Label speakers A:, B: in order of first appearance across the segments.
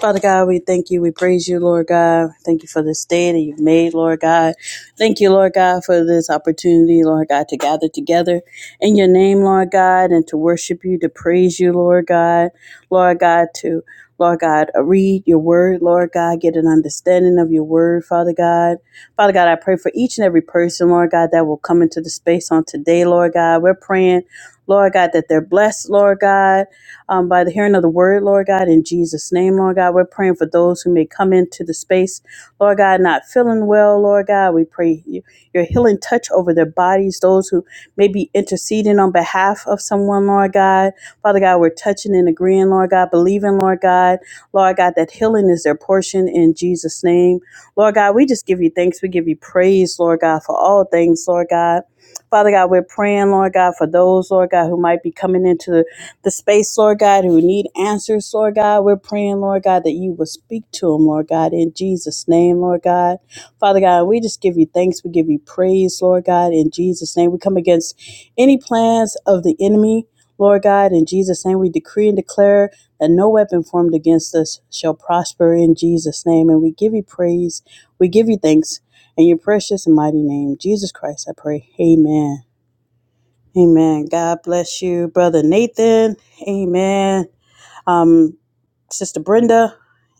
A: Father God, we thank you. We praise you, Lord God. Thank you for this day that you've made, Lord God. Thank you, Lord God, for this opportunity, Lord God, to gather together in your name, Lord God, and to worship you, to praise you, Lord God. Lord God, to, Lord God, uh, read your word, Lord God, get an understanding of your word, Father God. Father God, I pray for each and every person, Lord God, that will come into the space on today, Lord God. We're praying, Lord God, that they're blessed, Lord God um, by the hearing of the word, Lord God, in Jesus' name, Lord God. We're praying for those who may come into the space, Lord God, not feeling well, Lord God. We pray you- your healing touch over their bodies, those who may be interceding on behalf of someone, Lord God. Father God, we're touching and agreeing, Lord God, believing, Lord God, Lord God, that healing is their portion in Jesus' name. Lord God, we just give you thanks. We give you praise, Lord God, for all things, Lord God. Father God, we're praying, Lord God, for those, Lord God, who might be coming into the the space, Lord God, who need answers, Lord God. We're praying, Lord God, that you will speak to them, Lord God, in Jesus' name, Lord God. Father God, we just give you thanks. We give you praise, Lord God, in Jesus' name. We come against any plans of the enemy, Lord God, in Jesus' name. We decree and declare that no weapon formed against us shall prosper in Jesus' name. And we give you praise. We give you thanks. In your precious and mighty name, Jesus Christ, I pray. Amen. Amen. God bless you, Brother Nathan. Amen. Um, Sister Brenda.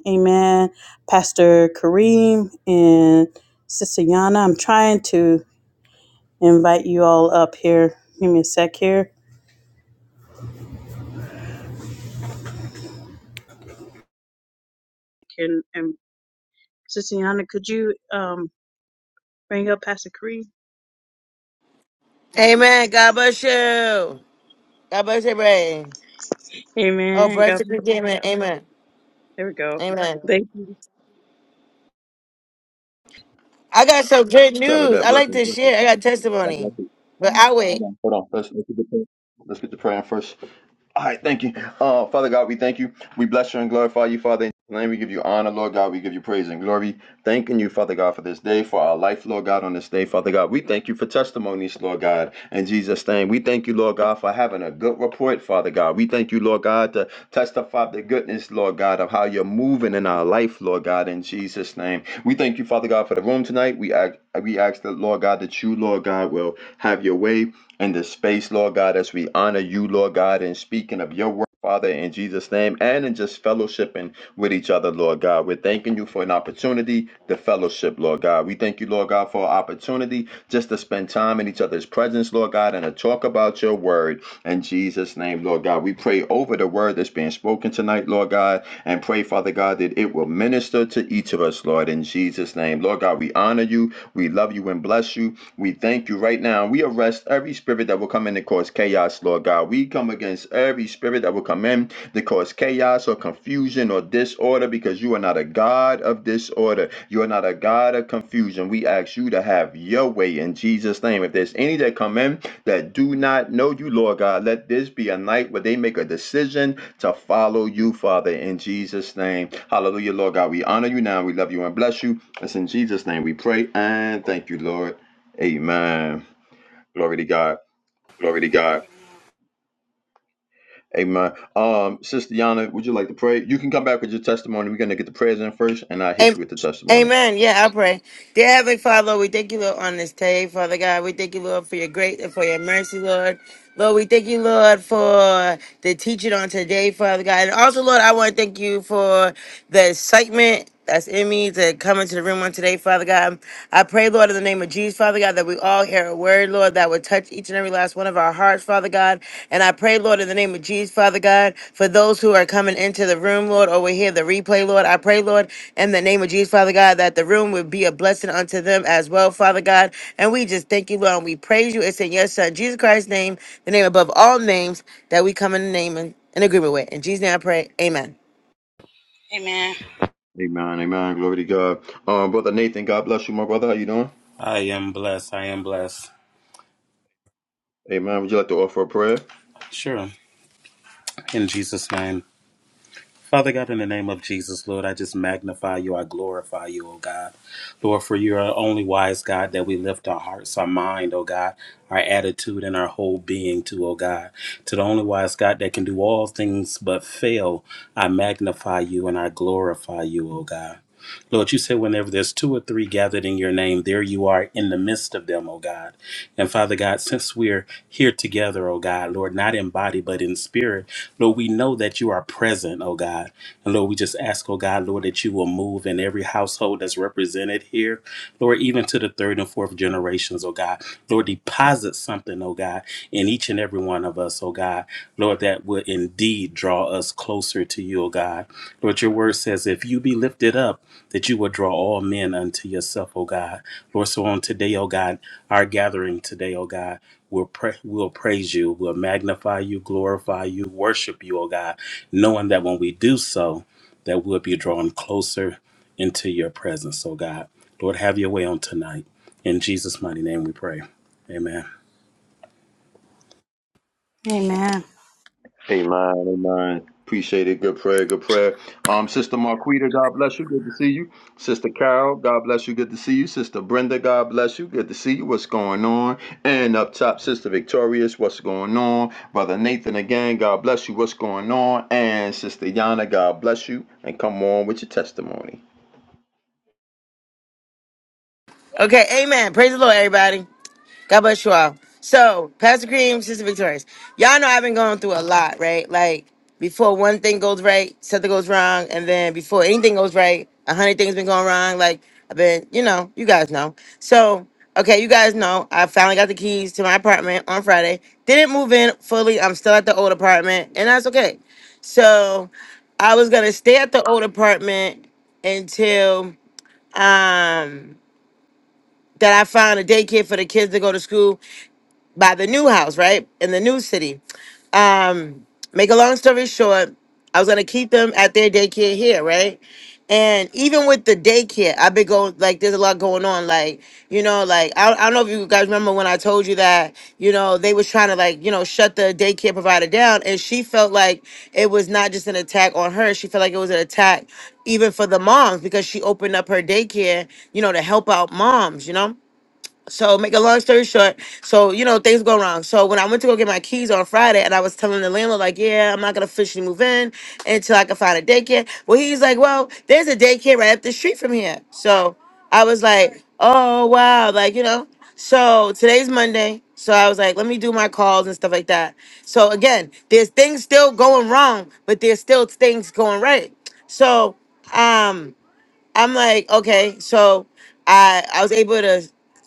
A: Amen. Pastor Kareem and Sister Yana. I'm trying to invite you all up here. Give me a sec here. Can and Sister Yana, could you um bring up Pastor Kareem? Let me there
B: Amen.
A: we
B: God bless you. God bless you, Bray.
A: go.
B: Oh,
A: Amen.
B: bless
A: God
B: you,
A: bless.
B: amen. Amen.
A: There we go.
B: Amen.
A: Thank you.
B: I got some good
C: Sorry about
B: news.
C: that.
B: I like
C: Blessings.
B: to
C: blessings.
B: share. I got
C: God bless
B: testimony.
C: you.
B: But I wait.
C: Hold on. Hold on. Let's, let's get the prayer. Let's get the prayer in first. All right, thank you. Uh, Father God, we thank you. We bless you and glorify you, Father. In your name, we give you honor, Lord God. We give you praise and glory. Thanking you, Father God, for this day, for our life, Lord God, on this day, Father God. We thank you for testimonies, Lord God, in Jesus' name. We thank you, Lord God, for having a good report, Father God. We thank you, Lord God, to testify the goodness, Lord God, of how you're moving in our life, Lord God, in Jesus' name. We thank you, Father God, for the room tonight. We ask, we ask that, Lord God, that you, Lord God, will have your way in this space, Lord God, as we honor you, Lord God, in speaking of your word, Father, in Jesus' name, and in just fellowshipping with each other, Lord God. We're thanking you for an opportunity to fellowship, Lord God. We thank you, Lord God, for an opportunity just to spend time in each other's presence, Lord God, and to talk about your word in Jesus' name, Lord God. We pray over the word that's being spoken tonight, Lord God, and pray, Father God, that it will minister to each of us, Lord, in Jesus' name. Lord God, we honor you, we love you, and bless you. We thank you right now. We arrest every spirit that will come in to cause chaos, Lord God. We come against every spirit that will come in to cause chaos or confusion or disorder because you are not a God of disorder. You are not a God of confusion. We ask you to have your way in Jesus' name. If there's any that come in that do not know you, Lord God, let this be a night where they make a decision to follow you, Father, in Jesus' name. Hallelujah, Lord God. We honor you now. We love you and bless you. It's in Jesus' name we pray and thank you, Lord. Amen. Glory to God.
A: Glory to God.
C: Amen. Um, Sister Yana, would you like to pray? You can come back with your testimony. We're gonna get the prayers in first, and I'll hit
B: Am-
C: you with the testimony.
B: Amen. Yeah, I pray. Dear Heavenly Father, Lord, we thank you, Lord, on this day, Father God. We thank you, Lord, for your grace and for your mercy, Lord. Lord, we thank you, Lord, for the teaching on today, Father God. And also, Lord, I want to thank you for the excitement that's in me to come into the room on today, Father God. I pray, Lord, in the name of Jesus, Father God, that we all hear a word, Lord, that would touch each and every last one of our hearts, Father God. And I pray, Lord, in the name of Jesus, Father God, for those who are coming into the room, Lord, or we hear the replay, Lord. I pray, Lord, in the name of Jesus, Father God, that the room would be a blessing unto them as well, Father God. And we just thank you, Lord, and we praise you. It's in your Son, Jesus Christ's name, the name above all names, that we come in the name and in agreement with. In Jesus' name I pray. Amen.
A: Amen.
C: Amen. Amen. Glory to God. Um, brother Nathan, God bless you, my brother. How you doing?
D: I am blessed. I am blessed.
C: Amen. Would you like to offer a prayer?
D: Sure. In Jesus' name. Father God, in the name of Jesus, Lord, I just magnify you. I glorify you, oh God. Lord, for you are the only wise God that we lift our hearts, our mind, oh God, our attitude, and our whole being to, oh God. To the only wise God that can do all things but fail, I magnify you and I glorify you, oh God. Lord, you said whenever there's two or three gathered in your name, there you are in the midst of them, oh God. And Father God, since we're here together, oh God, Lord, not in body, but in spirit, Lord, we know that you are present, oh God. And Lord, we just ask, oh God, Lord, that you will move in every household that's represented here. Lord, even to the third and fourth generations, oh God. Lord, deposit something, oh God, in each and every one of us, oh God. Lord, that would indeed draw us closer to you, oh God. Lord, your word says, if you be lifted up, that you will draw all men unto yourself, oh God. Lord, so on today, oh God, our gathering today, oh God, we'll, pra- we'll praise you, we'll magnify you, glorify you, worship you, oh God, knowing that when we do so, that we'll be drawn closer into your presence, oh God. Lord, have your way on tonight. In Jesus' mighty name we pray. Amen.
A: Amen.
C: Amen, amen. Appreciate it. Good prayer, good prayer. Um, Sister Marquita, God bless you. Good to see you. Sister Carol, God bless you. Good to see you. Sister Brenda, God bless you. Good to see you. What's going on? And up top, Sister Victorious, what's going on? Brother Nathan again, God bless you. What's going on? And Sister Yana, God bless you. And come on with your testimony.
B: Okay, amen. Praise the Lord, everybody. God bless you all. So, Pastor Cream, Sister Victorious, y'all know I've been going through a lot, right? Like, before one thing goes right, something goes wrong, and then before anything goes right, a hundred things been going wrong. Like, I've been, you know, you guys know. So, okay, you guys know I finally got the keys to my apartment on Friday. Didn't move in fully. I'm still at the old apartment, and that's okay. So, I was gonna stay at the old apartment until um that I found a daycare for the kids to go to school by the new house, right? In the new city. Um, make a long story short, I was gonna keep them at their daycare here, right? And even with the daycare, I've been going like there's a lot going on. Like, you know, like I, I don't know if you guys remember when I told you that, you know, they was trying to like, you know, shut the daycare provider down. And she felt like it was not just an attack on her. She felt like it was an attack even for the moms because she opened up her daycare, you know, to help out moms, you know? So make a long story short, so you know things go wrong. So when I went to go get my keys on Friday, and I was telling the landlord like, yeah, I'm not gonna officially move in until I can find a daycare. Well, he's like, well, there's a daycare right up the street from here. So I was like, oh wow, like you know. So today's Monday, so I was like, let me do my calls and stuff like that. So again, there's things still going wrong, but there's still things going right. So um I'm like, okay, so I I was able to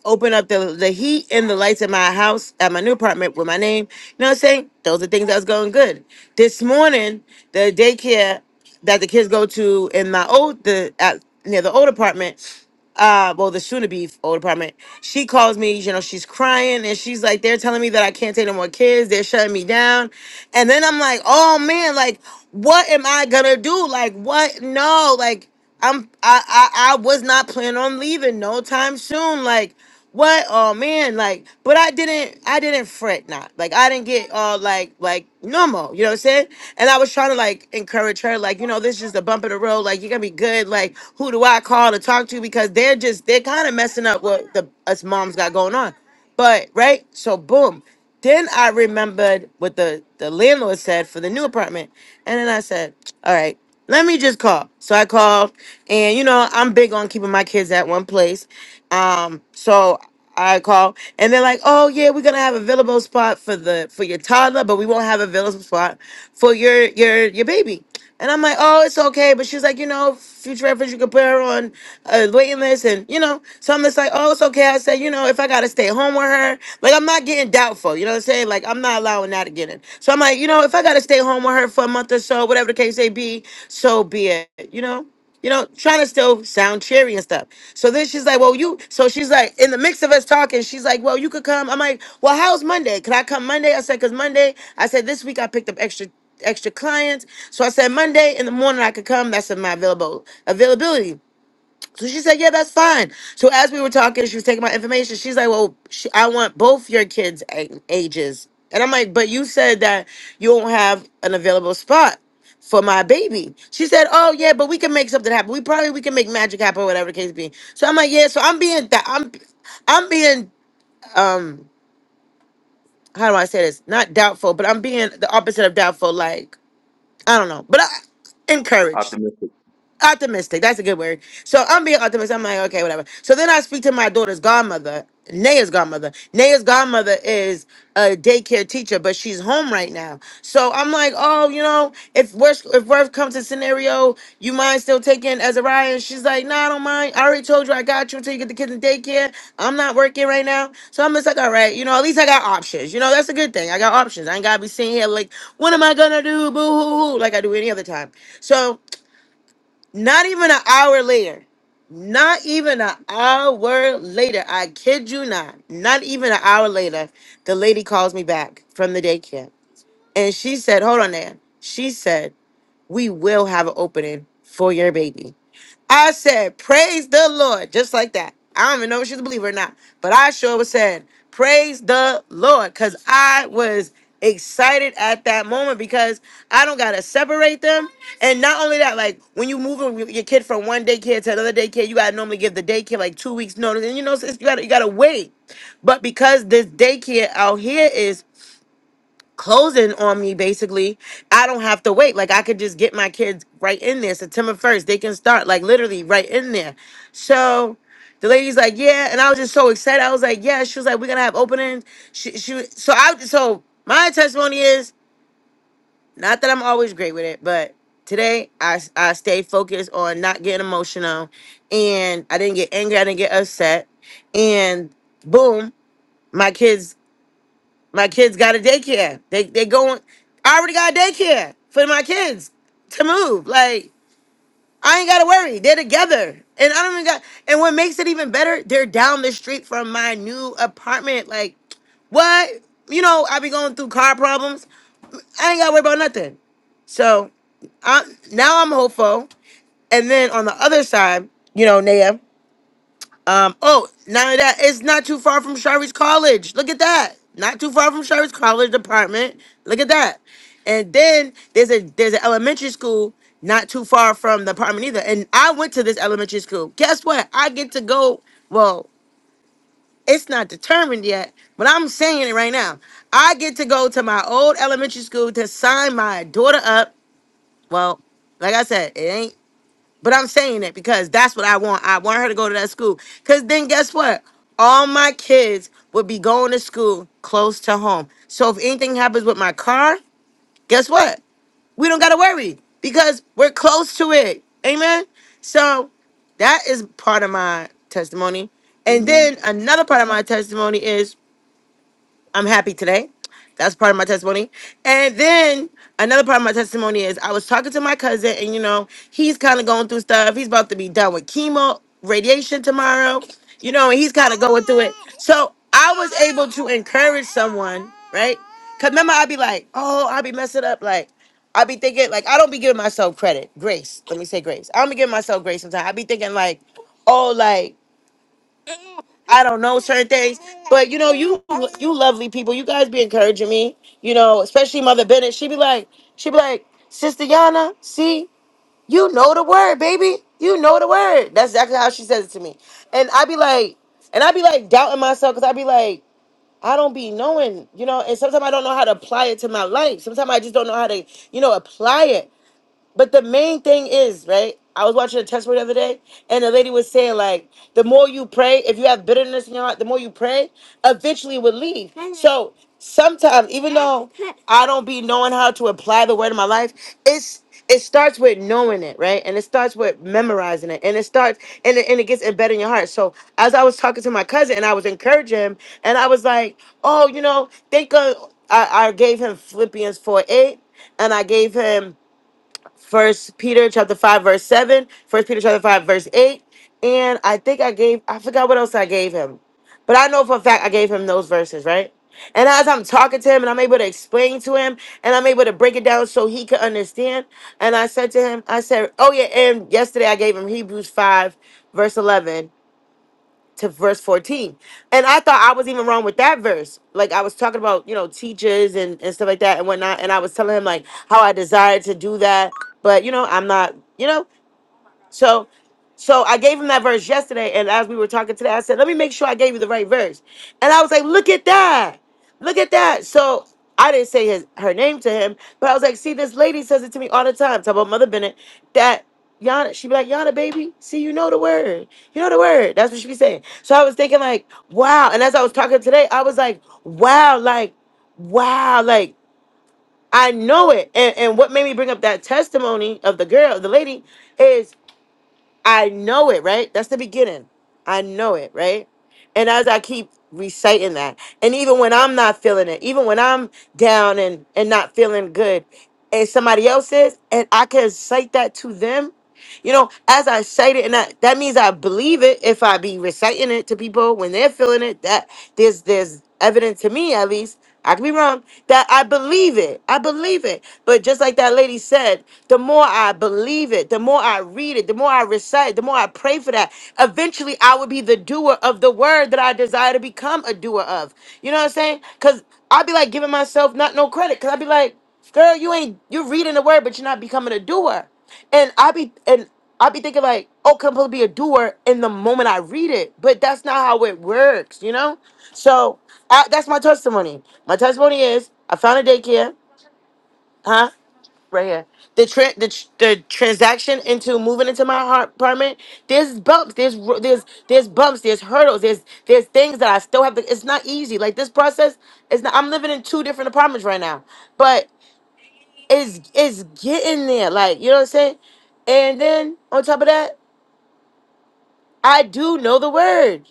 B: open up the the heat and the lights in my house at my new apartment with my name. You know what I'm saying? Those are things that was going good. This morning, the daycare that the kids go to in my old the at near the old apartment, uh well the soon to be old apartment she calls me you know she's crying and she's like they're telling me that i can't take no more kids they're shutting me down and then i'm like oh man like what am i gonna do like what no like i'm i i, I was not planning on leaving no time soon like what oh man like but i didn't i didn't fret not like i didn't get all like like normal you know what i'm saying and i was trying to like encourage her like you know this is the bump in the road like you're gonna be good like who do i call to talk to because they're just they're kind of messing up what the us moms got going on but right, so boom. Then I remembered what the the landlord said for the new apartment, and then I said, "All right, let me just call." So I called, and you know I'm big on keeping my kids at one place, um. So I call, and they're like, "Oh yeah, we're gonna have available spot for the for your toddler, but we won't have a available spot for your your your baby." And I'm like, oh, it's okay. But she's like, you know, future reference, you could put her on a waiting list. And, you know, so I'm just like, oh, it's okay. I said, you know, if I got to stay home with her, like, I'm not getting doubtful. You know what I'm saying? Like, I'm not allowing that again. So I'm like, you know, if I got to stay home with her for a month or so, whatever the case may be, so be it, you know? you know, trying to still sound cheery and stuff. So then she's like, Well, you so she's like, in the mix of us talking, she's like, Well, you could come. I'm like, Well, how's Monday? Can I come Monday? I said, Cause Monday, I said, this week I picked up extra extra clients. So I said Monday in the morning I could come. That's in my available availability. So she said, "Yeah, that's fine." So as we were talking, she was taking my information. She's like, "Well, she, I want both your kids' a- ages," and I'm like, "But you said that you don't have an available spot for my baby." She said, "Oh yeah, but we can make something happen. We probably we can make magic happen, or whatever the case be." So I'm like, "Yeah." So I'm being that I'm I'm being um how do I say this? Not doubtful, but I'm being the opposite of doubtful. Like I don't know, but I, encouraged
C: Optimistic.
B: optimistic. That's a good word. So I'm being optimistic. I'm like, okay, whatever. So then I speak to my daughter's godmother, Naya's godmother. Naya's godmother is a daycare teacher, but she's home right now. So I'm like, oh, you know, if worst if worst comes to scenario, you mind still taking Azariah? And she's like, no, I don't mind. I already told you I got you until you get the kids in daycare. I'm not working right now. So I'm just like, all right, you know, at least I got options. You know, that's a good thing. I got options. I ain't gotta be sitting here like, what am I gonna do? Boo hoo hoo, like I do any other time. So not even an hour later. Not even an hour later. I kid you not. Not even an hour later, the lady calls me back from the daycare. And she said, Hold on there. She said, We will have an opening for your baby. I said, Praise the Lord, just like that. I don't even know if she's a believer or not, but I sure was said, Praise the Lord, because I was excited at that moment because I don't gotta separate them. And not only that, like when you move your your kid from one daycare to another daycare, you gotta normally give the daycare like two weeks notice, and you know, it's, you gotta you gotta wait. But because this daycare out here is closing on me basically i don't have to wait like i could just get my kids right in there september 1st they can start like literally right in there so the lady's like yeah and i was just so excited i was like yeah she was like we're gonna have openings she, she so i so my testimony is not that i'm always great with it but today i i stay focused on not getting emotional and i didn't get angry i didn't get upset and boom my kids my kids got a daycare. They they going. I already got a daycare for my kids to move. Like I ain't gotta worry. They're together, and I don't even got. And what makes it even better, they're down the street from my new apartment. Like what? You know, I be going through car problems. I ain't gotta worry about nothing. So, I now I'm hopeful. And then on the other side, you know, Naya. Um, oh, now that it's not too far from Shari's college. Look at that. Not too far from Shari's college department. Look at that. And then there's a there's an elementary school not too far from the apartment either. And I went to this elementary school. Guess what? I get to go. Well, it's not determined yet, but I'm saying it right now. I get to go to my old elementary school to sign my daughter up. Well, like I said, it ain't. But I'm saying it because that's what I want. I want her to go to that school. Because then guess what? All my kids would be going to school close to home. So if anything happens with my car, guess what? We don't got to worry because we're close to it. Amen. So that is part of my testimony. And
C: Amen.
B: then another part of my testimony is I'm happy today. That's part of my testimony. And then another part of my testimony is I was talking to my cousin, and you know, he's kind of going through stuff. He's about to be done with chemo, radiation tomorrow, you know, and he's kind of going through it. So I was able to encourage someone, right? Because remember, I'd be like, oh, I'd be messing up. Like, I'd be thinking, like, I don't be giving myself credit, grace. Let me say grace. I don't be giving myself grace sometimes. I'd be thinking, like, oh, like, I don't know certain things, but you know, you you lovely people, you guys be encouraging me. You know, especially Mother Bennett. She be like, she be like, Sister Yana, see, you know the word, baby. You know the word. That's exactly how she says it to me. And I be like, and I be like doubting myself because I be like, I don't be knowing, you know. And sometimes I don't know how to apply it to my life. Sometimes I just don't know how to, you know, apply it. But the main thing is, right? I was watching a testimony the other day, and the lady was saying, like, the more you pray, if you have bitterness in your heart, the more you pray, eventually it will leave. So sometimes, even though I don't be knowing how to apply the word in my life, it's it starts with knowing it, right? And it starts with memorizing it. And it starts and it, and it gets embedded in your heart. So as I was talking to my cousin and I was encouraging him, and I was like, oh, you know, think of I, I gave him Philippians 4 8, and I gave him First Peter chapter five verse seven, First Peter chapter five verse eight, and I think I gave I forgot what else I gave him, but I know for a fact I gave him those verses right. And as I'm talking to him, and I'm able to explain to him, and I'm able to break it down so he could understand. And I said to him, I said, oh yeah, and yesterday I gave him Hebrews five verse eleven, to verse 14. And I thought I was even wrong with that verse. Like I was talking about, you know, teachers and, and stuff like that and whatnot. And I was telling him like how I desired to do that. But you know, I'm not, you know. So, so I gave him that verse yesterday, and as we were talking today, I said, "Let me make sure I gave you the right verse." And I was like, "Look at that! Look at that!" So I didn't say his her name to him, but I was like, "See, this lady says it to me all the time." Talk about Mother Bennett. That Yana, she be like, "Yana, baby, see, you know the word. You know the word." That's what she be saying. So I was thinking, like, wow. And as I was talking today, I was like, wow, like, wow, like. I know it. And, and what made me bring up that testimony of the girl, the lady, is I know it, right? That's the beginning. I know it, right? And as I keep reciting that, and even when I'm not feeling it, even when I'm down and and not feeling good, and somebody else is, and I can cite that to them, you know, as I cite it, and I, that means I believe it if I be reciting it to people when they're feeling it. That there's there's evidence to me at least. I could be wrong. That I believe it. I believe it. But just like that lady said, the more I believe it, the more I read it, the more I recite, it, the more I pray for that. Eventually, I would be the doer of the word that I desire to become a doer of. You know what I'm saying? Because I'd be like giving myself not no credit. Because I'd be like girl, you ain't you're reading the word, but you're not becoming a doer. And I be and I be thinking like, oh, can I be a doer in the moment I read it? But that's not how it works, you know. So I, that's my testimony. My testimony is I found a daycare, huh? Right here. The tra- the tr- the transaction into moving into my heart apartment. There's bumps. There's ro- there's there's bumps. There's hurdles. There's there's things that I still have to. It's not easy. Like this process is not. I'm living in two different apartments right now, but it's it's getting there. Like, you know what I'm saying? And then on top of that, I do know the word.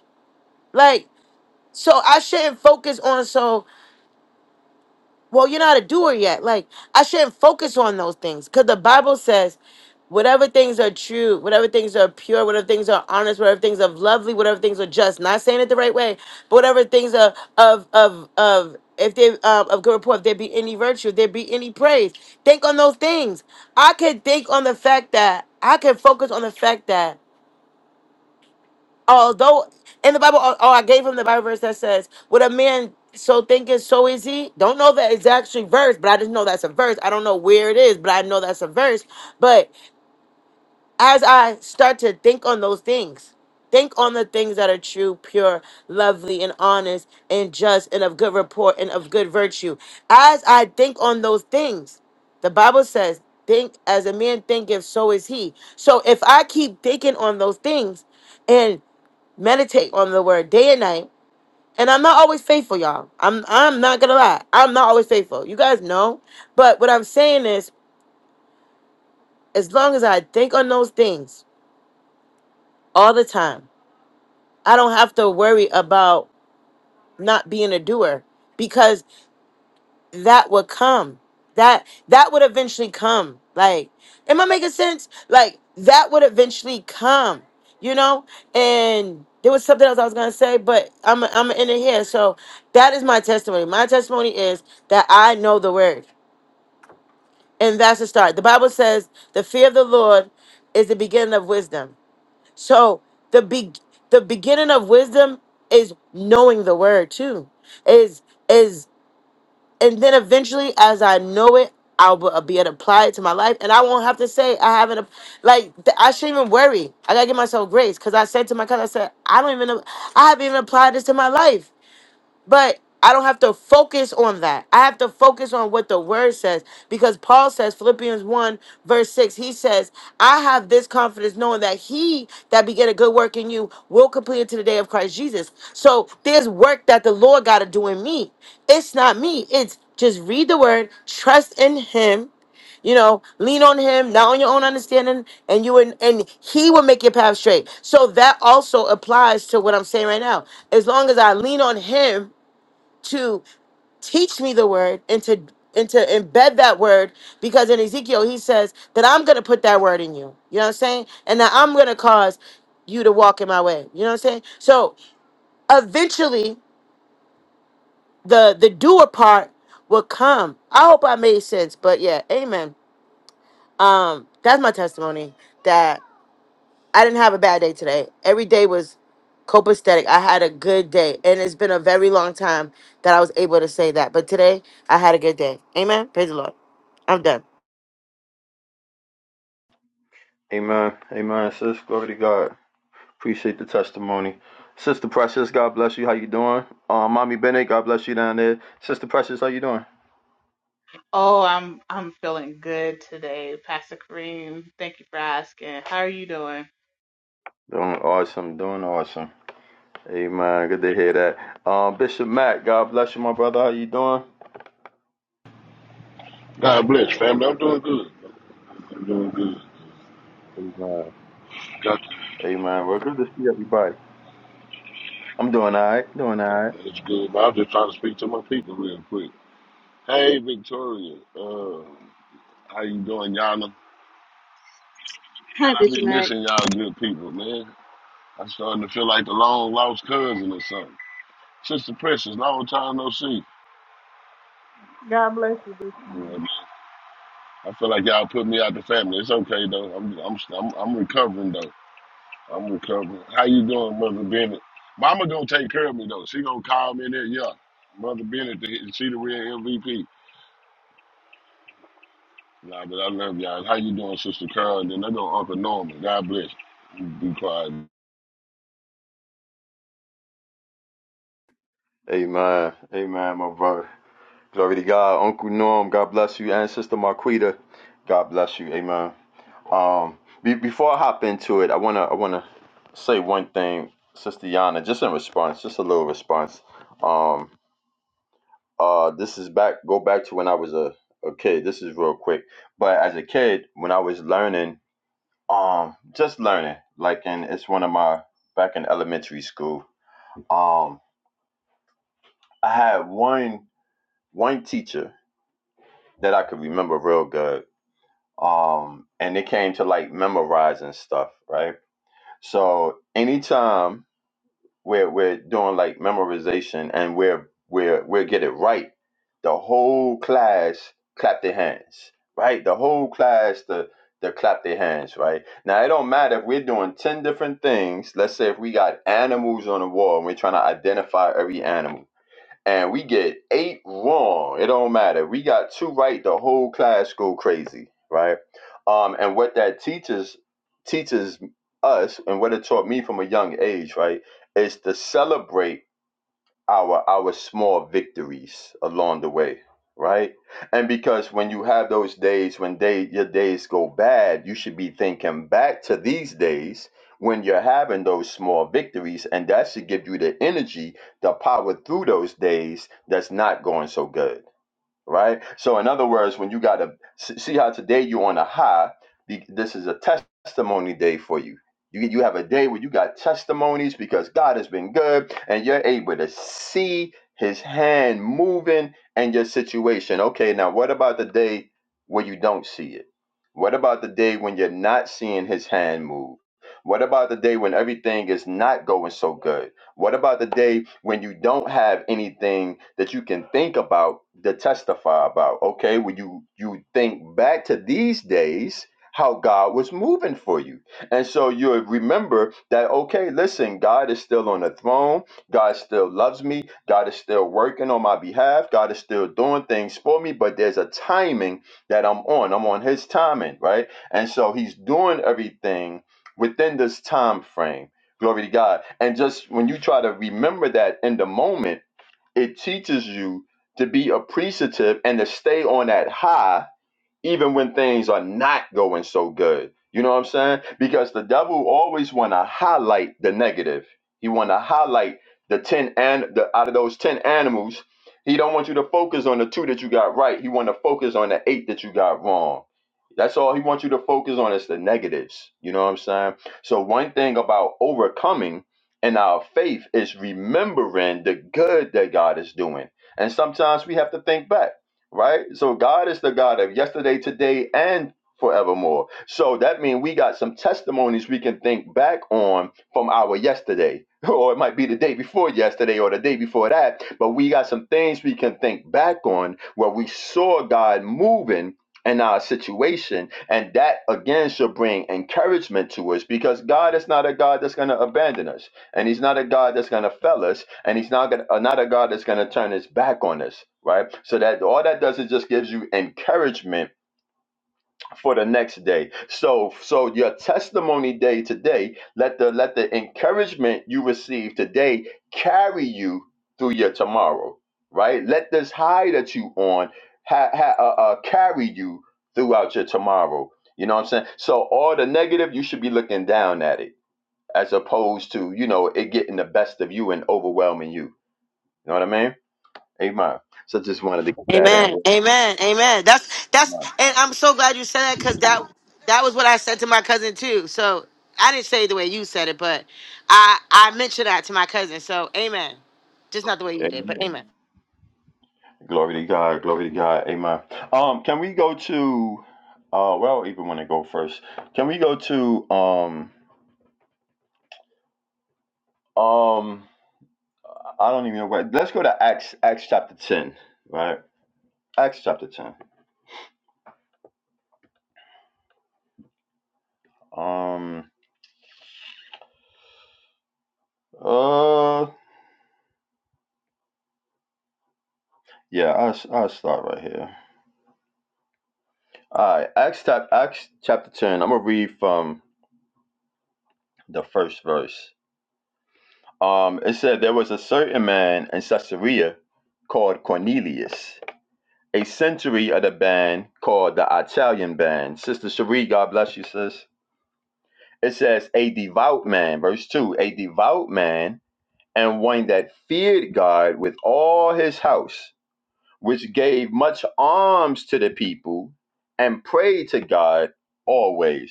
B: Like, so I shouldn't focus on so well, you're not a doer yet. Like, I shouldn't focus on those things because the Bible says, whatever things are true, whatever things are pure, whatever things are honest, whatever things are lovely, whatever things are just. Not saying it the right way, but whatever things are of of of if they um, of good report, if there be any virtue, if there be any praise, think on those things. I could think on the fact that I could focus on the fact that although in the Bible, oh, oh, I gave him the Bible verse that says, "What a man so thinketh, so is he." Don't know that it's actually verse, but I just know that's a verse. I don't know where it is, but I know that's a verse. But as I start to think on those things, think on the things that are true, pure, lovely, and honest, and just, and of good report, and of good virtue. As I think on those things, the Bible says, "Think as a man thinketh, so is he." So if I keep thinking on those things, and meditate on the word day and night. And I'm not always faithful, y'all. I'm I'm not gonna lie. I'm not always faithful. You guys know. But what I'm saying is, as long as I think on those things all the time, I don't have to worry about not being a doer. because. that would come. That that would eventually come. Like, am I making sense? Like that would eventually come. You know, and there was something else I was gonna say, but I'm I'm in it here. So that is my testimony. My testimony is that I know the word, and that's the start. The Bible says the fear of the Lord is the beginning of wisdom. So the be- the beginning of wisdom is knowing the word too. Is is and then eventually, as I know it, I'll b- be able to apply it to my life, and I won't have to say I haven't. ap- Like th- I shouldn't even worry. I gotta give myself grace because I said to my cousin, I said I don't even. know- I haven't even applied this to my life. But I don't have to focus on that. I have to focus on what the word says because Paul says, Philippians 1, verse 6, he says, I have this confidence knowing that he that began a good work in you will complete it to the day of Christ Jesus. So there's work that the Lord got to do in me. It's not me, it's just read the word, trust in him. You know, lean on him, not on your own understanding, and you and, and he will make your path straight. So that also applies to what I'm saying right now. As long as I lean on him, to teach me the word and to and to embed that word because in Ezekiel he says that I'm gonna put that word in you. You know what I'm saying? And that I'm gonna cause you to walk in my way. You know what I'm saying? So eventually the the doer part will come. I hope I made sense, but yeah, amen. Um that's my testimony that. I didn't have a bad day today. Every day was copacetic. I had a good day. And it's been a very long time that I was able to say that. But today, I had a good day. Amen. Praise the Lord. I'm done.
C: Amen. Amen, sis. Glory to God. Appreciate the testimony. Sister Precious, God bless you. How you doing? Uh, Mommy Bennett, God bless you down there. Sister Precious, how you doing?
E: Oh, I'm I'm feeling good today, Pastor Kareem. Thank you for asking. How are you doing?
C: Doing awesome. Doing awesome. Amen. Good to hear that. Um, Bishop Matt, God bless you, my brother. How you doing?
F: God bless, family. I'm doing good. I'm doing good.
C: Amen.
F: Got
C: Amen. Well, good to see everybody. I'm doing all right. Doing all right.
F: it's good. But I'm just trying to speak to my people real quick. Hey, Victoria. Uh, how you doing, Yana? Man,
A: Hi,
F: I be
A: Bitch
F: missing y'all good people, man. I'm starting to feel like the long lost cousin or something. Sister Precious, long time no see.
E: God bless you.
F: Yeah,
E: Bishop.
F: man. I feel like y'all put me out the family. It's okay though. I'm I'm I'm, I'm recovering though. I'm recovering. How you doing, Mother Bennett? Mama gonna take care of me though. She gonna call me in there. Yeah, Mother Bennett, the- she the real MVP. Nah, but I love y'all. How you doing, Sister Carl? And then I go Uncle Norman. God bless. You be quiet.
C: Amen. Amen, my brother. Glory to God. Uncle Norm, God bless you. And Sister Marquita, God bless you. Amen. Um, be, before I hop into it, I wanna I wanna say one thing, Sister Yana, just in response, just a little response. Um, uh, this is back go back to when I was a, a kid. This is real quick, but as a kid, when I was learning, um, just learning, like, and it's one of my back in elementary school. Um, I had one one teacher that I could remember real good. Um, and it came to like memorizing stuff, right? So anytime we're we're doing like memorization and we're we're we're get it right. The whole class clap their hands, right? The whole class the the clap their hands, right? Now it don't matter if we're doing ten different things. Let's say if we got animals on the wall and we're trying to identify every animal and we get eight wrong. It don't matter. We got two right, the whole class go crazy, right? Um, and what that teaches teaches us, and what it taught me from a young age, right, is to celebrate our our small victories along the way right and because when you have those days when day your days go bad you should be thinking back to these days when you're having those small victories and that should give you the energy the power through those days that's not going so good right? So, in other words, when you got to see how today you're on a high, be- this is a testimony day for you. You, you have a day where you got testimonies because God has been good and you're able to see his hand moving in your situation. Okay, now what about the day where you don't see it? What about the day when you're not seeing his hand move? What about the day when everything is not going so good? What about the day when you don't have anything that you can think about to testify about? Okay, when you you think back to these days, how God was moving for you. And so you remember that, okay, listen, God is still on the throne. God still loves me. God is still working on my behalf. God is still doing things for me, but there's a timing that I'm on. I'm on his timing, right? And so he's doing everything within this time frame Glory to God. And just when you try to remember that in the moment, it teaches you to be appreciative and to stay on that high even when things are not going so good. You know what I'm saying? Because the devil always want to highlight the negative. He want to highlight the 10 and the out of those 10 animals, he don't want you to focus on the two that you got right. He want to focus on the eight that you got wrong. That's all he wants you to focus on is the negatives. You know what I'm saying? So one thing about overcoming in our faith is remembering the good that God is doing. And sometimes we have to think back right? So God is the God of yesterday, today, and forevermore. So that means we got some testimonies we can think back on from our yesterday. Or it might be the day before yesterday or the day before that, but we got some things we can think back on where we saw God moving in our situation. And that again should bring encouragement to us because God is not a God that's going to abandon us and he's not a God that's going to fail us, and he's not gonna, uh, not a God that's going to turn his back on us, right? So that all that does is just gives you encouragement for the next day. So so your testimony day today, let the let the encouragement you receive today carry you through your tomorrow, right? Let this high that you on ha, ha, uh, uh, carry you throughout your tomorrow. You know what I'm saying? So all the negative, you should be looking down at it as opposed to you know it getting the best of you and overwhelming you. You know what I mean? Amen. So just wanted to get that in.
B: Amen. Amen. Amen. That's that's and I'm so glad you said that because that that was what I said to my cousin too. So I didn't say it the way you said it, but I I mentioned that to my cousin. So amen. Just not the way you did, but
C: Amen.
B: amen.
C: Glory to God. Glory to God. Amen. Um, can we go to? Uh, well, even want to go first. Can we go to? Um, um, I don't even know where. Let's go to Acts. Acts chapter ten. Right. Acts chapter ten. Um. Uh. Yeah. I will I'll start right here. All right. Acts chap Acts chapter ten. I'm gonna read from. the first verse. Um, it said, There was a certain man in Caesarea called Cornelius, a century of the band called the Italian band. Sister Cherie, God bless you, sis. It says, A devout man, verse 2, a devout man and one that feared God with all his house, which gave much alms to the people and prayed to God always.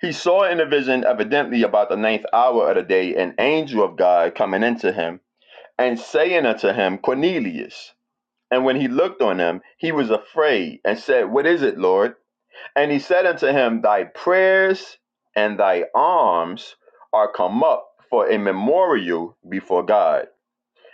C: He saw in a vision, evidently about the ninth hour of the day, an angel of God coming into him and saying unto him, Cornelius. And when he looked on him, he was afraid and said, What is it, Lord? And he said unto him, Thy prayers and thy alms are come up for a memorial before God.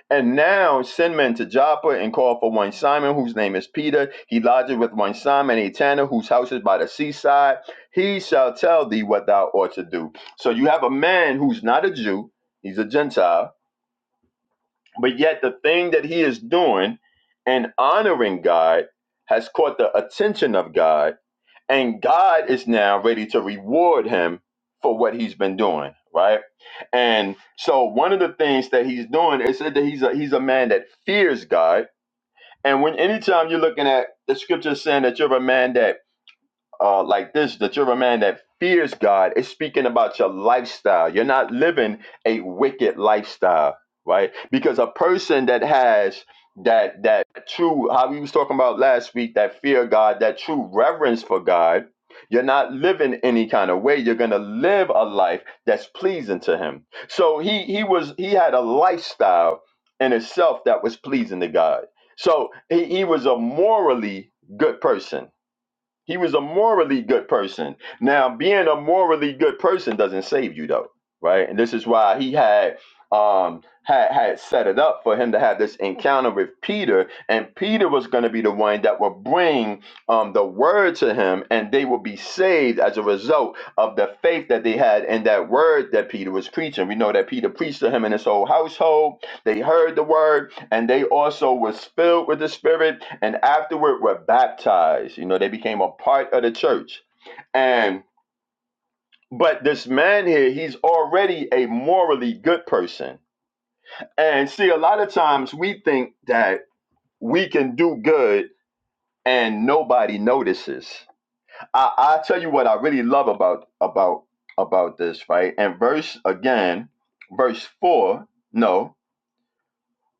C: And now send men to Joppa and call for one Simon, whose name is Peter. He lodges with one Simon, a tanner, whose house is by the seaside. He shall tell thee what thou ought to do. So you have a man who's not a Jew, he's a Gentile, but yet the thing that he is doing and honoring God has caught the attention of God and God is now ready to reward him for what he's been doing, right? And so one of the things that he's doing is that he's a he's a man that fears God. And when anytime you're looking at the scripture saying that you're a man that uh, like this that you're a man that fears God. It's speaking about your lifestyle. You're not living a wicked lifestyle, right? Because a person that has that that true how we was talking about last week that fear of God, that true reverence for God. You're not living any kind of way. You're gonna live a life that's pleasing to Him. So he he was he had a lifestyle in itself that was pleasing to God. So he, he was a morally good person he was a morally good person. Now, being a morally good person doesn't save you though, right? And this is why he had um had had set it up for him to have this encounter with Peter, and Peter was going to be the one that would bring um the word to him, and they would be saved as a result of the faith that they had in that word that Peter was preaching. We know that Peter preached to him and his whole household. They heard the word and they also was filled with the spirit and afterward were baptized you know they became a part of the church and but this man here he's already a morally good person and see a lot of times we think that we can do good and nobody notices i i tell you what i really love about about about this right and verse again verse 4 no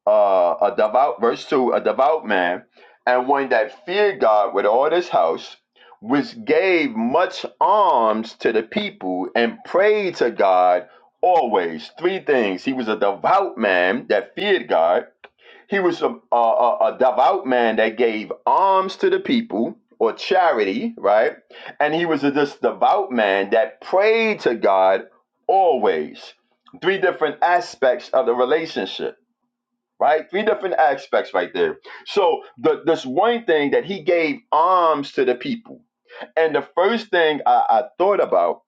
C: uh, a devout, verse 2, a devout man, and one that feared God with all his house, which gave much alms to the people and prayed to God always. Three things. He was a devout man that feared God. He was a, a, a a devout man that gave alms to the people or charity, right? And he was a this devout man that prayed to God always. Three different aspects of the relationship right? Three different aspects right there. So the this one thing that he gave alms to the people, and the first thing I, I thought about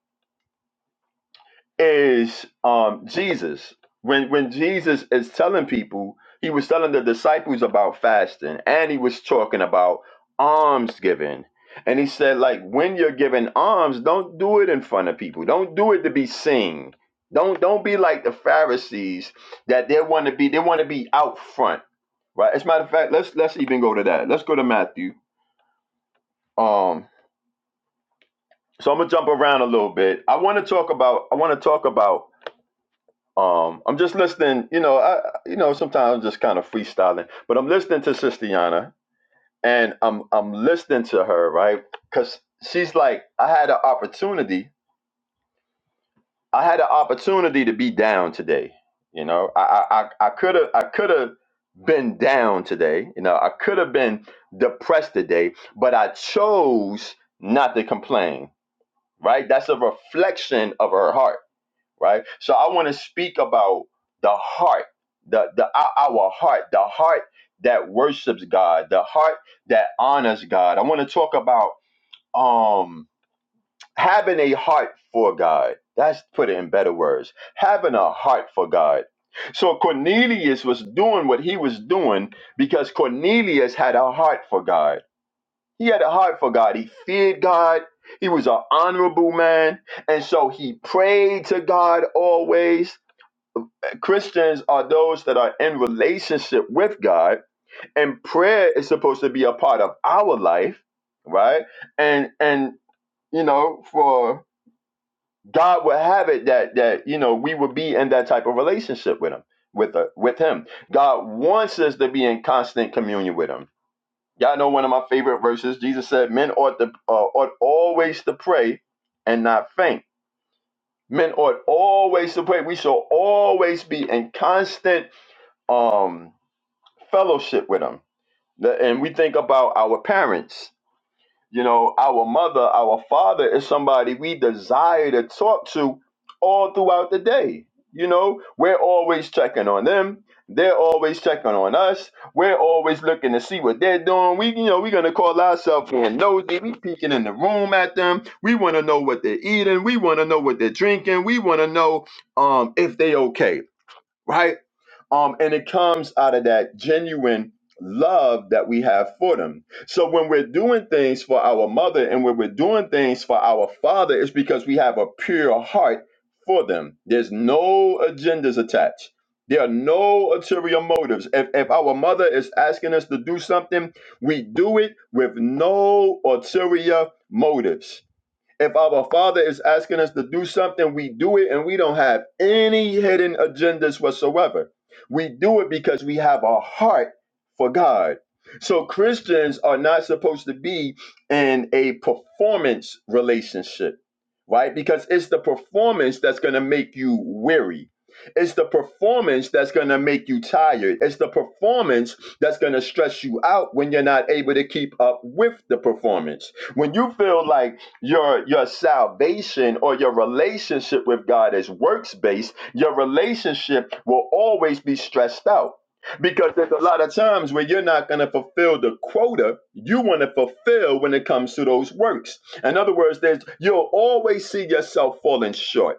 C: is um Jesus. When when Jesus is telling people, he was telling the disciples about fasting and he was talking about alms giving. And he said, like, when you're giving alms, don't do it in front of people. Don't do it to be seen. Don't don't be like the Pharisees that they want to be, they want to be out front. Right? As a matter of fact, let's let's even go to that. Let's go to Matthew. Um, so I'm gonna jump around a little bit. I want to talk about I want to talk about Um, I'm just listening. You know, I you know sometimes I'm just kind of freestyling, but I'm listening to Sistiana, and I'm I'm listening to her right because she's like I had an opportunity. I had an opportunity to be down today. You know, I I I could have I could have been down today. You know, I could have been depressed today, but I chose not to complain. Right? That's a reflection of her heart right? So I want to speak about the heart, the the our heart, the heart that worships God, the heart that honors God. I want to talk about um having a heart for God. That's put it in better words. Having a heart for God. So Cornelius was doing what he was doing because Cornelius had a heart for God. He had a heart for God. He feared God. He was an honorable man. And so he prayed to God always Christians are those that are in relationship with God, and prayer is supposed to be a part of our life, right? And and you know, for God would have it that that you know we would be in that type of relationship with Him, with uh, with Him. God wants us to be in constant communion with Him. Y'all know one of my favorite verses. Jesus said, "Men ought to uh, ought always to pray and not faint." Men ought always to pray. We shall always be in constant. Um, fellowship with them. And we think about our parents, you know, our mother, our father is somebody we desire to talk to all throughout the day. You know, we're always checking on them. They're always checking on us. We're always looking to see what they're doing. We, you know, we're gonna call ourselves being nosy. We peeking in the room at them. We want to know what they're eating. We want to know what they're drinking. We want to know um if they okay, right? Um, and it comes out of that genuine love that we have for them. So when we're doing things for our mother and when we're doing things for our father, it's because we have a pure heart for them. There's no agendas attached. There are no ulterior motives. If, if our mother is asking us to do something, we do it with no ulterior motives. If our Father is asking us to do something, we do it and we don't have any hidden agendas whatsoever. We do it because we have a heart for God. So Christians are not supposed to be in a performance relationship, right? Because it's the performance that's going to make you weary. It's the performance that's going to make you tired. It's the performance that's going to stress you out when you're not able to keep up with the performance. When you feel like your your salvation or your relationship with God is works based, your relationship will always be stressed out. Because there's a lot of times where you're not going to fulfill the quota you want to fulfill when it comes to those works. In other words, there's you'll always see yourself falling short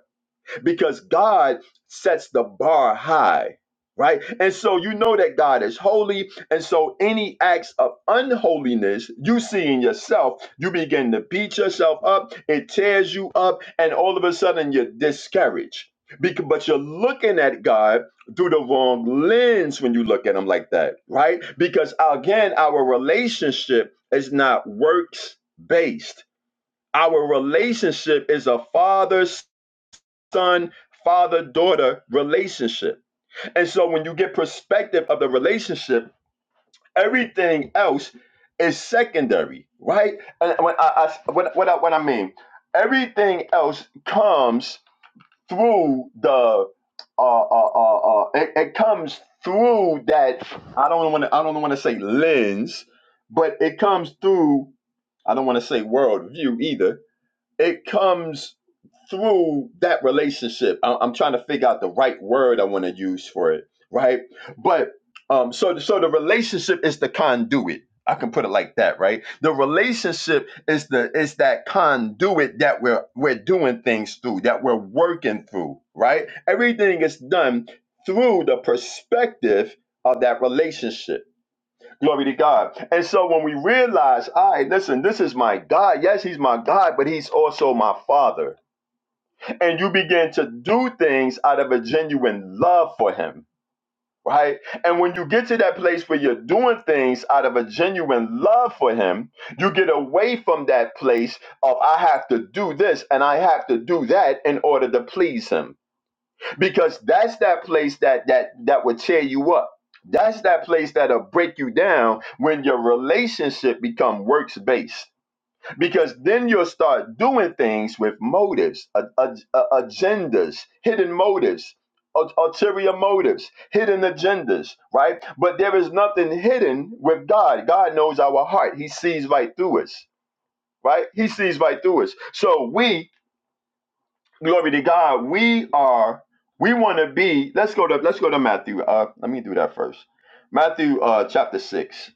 C: because God sets the bar high, right? And so you know that God is holy. And so any acts of unholiness you see in yourself, you begin to beat yourself up, it tears you up, and all of a sudden you're discouraged. Because, but you're looking at God through the wrong lens when you look at Him like that, right? Because again, our relationship is not works based. Our relationship is a father son father daughter relationship and so when you get perspective of the relationship everything else is secondary right and when i, I what, what, I, what i mean everything else comes through the uh uh uh, uh it, it comes through that i don't want to i don't want to say lens but it comes through i don't want to say worldview either it comes through that relationship. I- I'm trying to figure out the right word I want to use for it, right? But um, so so the relationship is the conduit. I can put it like that, right? The relationship is the is that conduit that we're we're doing things through, that we're working through, right? Everything is done through the perspective of that relationship. Glory to God. And so when we realize, all right, listen, this is my God. Yes, he's my God, but he's also my father and you begin to do things out of a genuine love for him right and when you get to that place where you're doing things out of a genuine love for him you get away from that place of i have to do this and i have to do that in order to please him because that's that place that that that would tear you up that's that place that'll break you down when your relationship become works based because then you'll start doing things with motives, a- a- a- agendas, hidden motives, ul- ulterior motives, hidden agendas, right? But there is nothing hidden with God. God knows our heart, He sees right through us, right? He sees right through us. So we, glory to God, we are, we want to be, let's go to, let's go to Matthew. Uh, let me do that first. Matthew uh, chapter 6.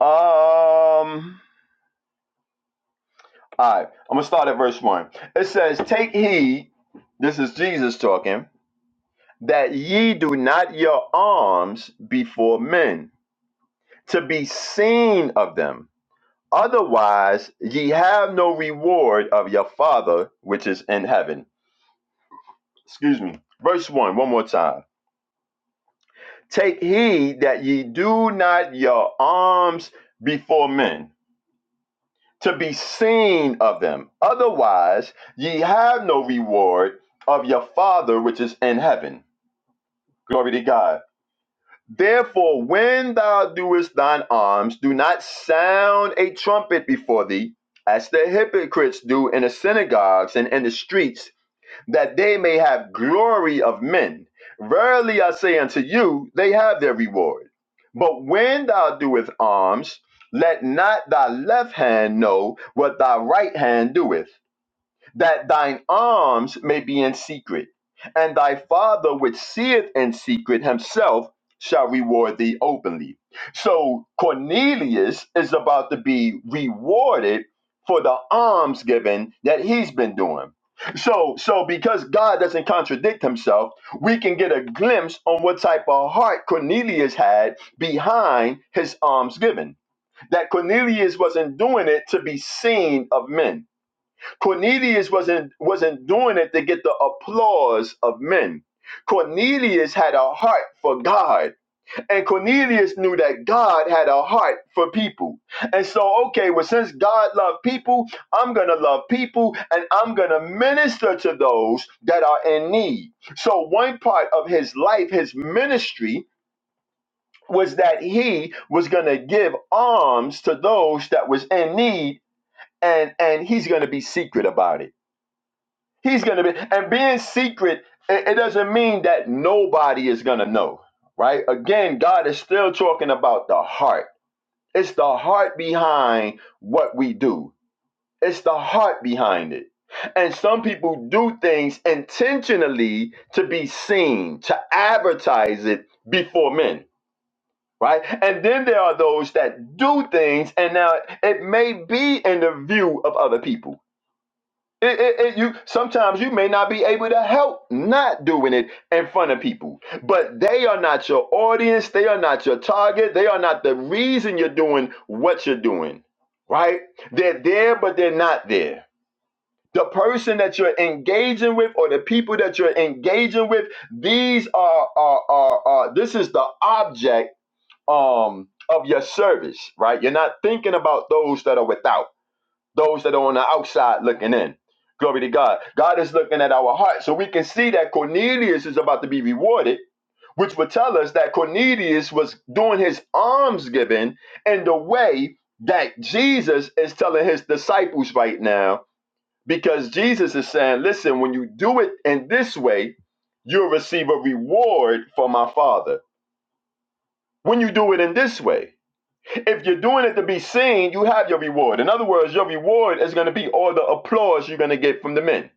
C: Um, All right, I'm gonna start at verse one. It says, "Take heed." This is Jesus talking. That ye do not your alms before men, to be seen of them. Otherwise, ye have no reward of your Father which is in heaven. Excuse me. Verse one, one more time. Take heed that ye do not your alms before men to be seen of them. Otherwise, ye have no reward of your Father which is in heaven. Glory to God. Therefore, when thou doest thine alms, do not sound a trumpet before thee, as the hypocrites do in the synagogues and in the streets that they may have glory of men. Verily I say unto you, they have their reward. But when thou doest alms, let not thy left hand know what thy right hand doeth that thine alms may be in secret, and thy father which seeth in secret himself shall reward thee openly. So Cornelius is about to be rewarded for the alms given that he's been doing. So, so because God doesn't contradict himself, we can get a glimpse on what type of heart Cornelius had behind his alms giving. That Cornelius wasn't doing it to be seen of men Cornelius wasn't wasn't doing it to get the applause of men. Cornelius had a heart for God, and Cornelius knew that God had a heart for people. And so, okay, well, since God loved people, I'm gonna love people and I'm gonna minister to those that are in need. So, one part of his life, his ministry, was that he was gonna give alms to those that was in need, and and he's gonna be secret about it He's going to be, and being secret, it, it doesn't mean that nobody is going to know, right? Again, God is still talking about the heart. It's the heart behind what we do, it's the heart behind it. And some people do things intentionally to be seen, to advertise it before men, right? And then there are those that do things, and now it may be in the view of other people it, it, it- you sometimes you may not be able to help not doing it in front of people, but they are not your audience. They are not your target. They are not the reason you're doing what you're doing. Right? They're there, but they're not there. The person that you're engaging with, or the people that you're engaging with, these are are are, are this is the object um of your service. Right? You're not thinking about those that are without those that are on the outside looking in. Glory to God. God is looking at our heart. So we can see that Cornelius is about to be rewarded, which would tell us that Cornelius was doing his almsgiving in the way that Jesus is telling his disciples right now, because Jesus is saying, listen, when you do it in this way, you'll receive a reward from my Father. When you do it in this way, if you're doing it to be seen, you have your reward. In other words, your reward is going to be all the applause you're going to get from the men,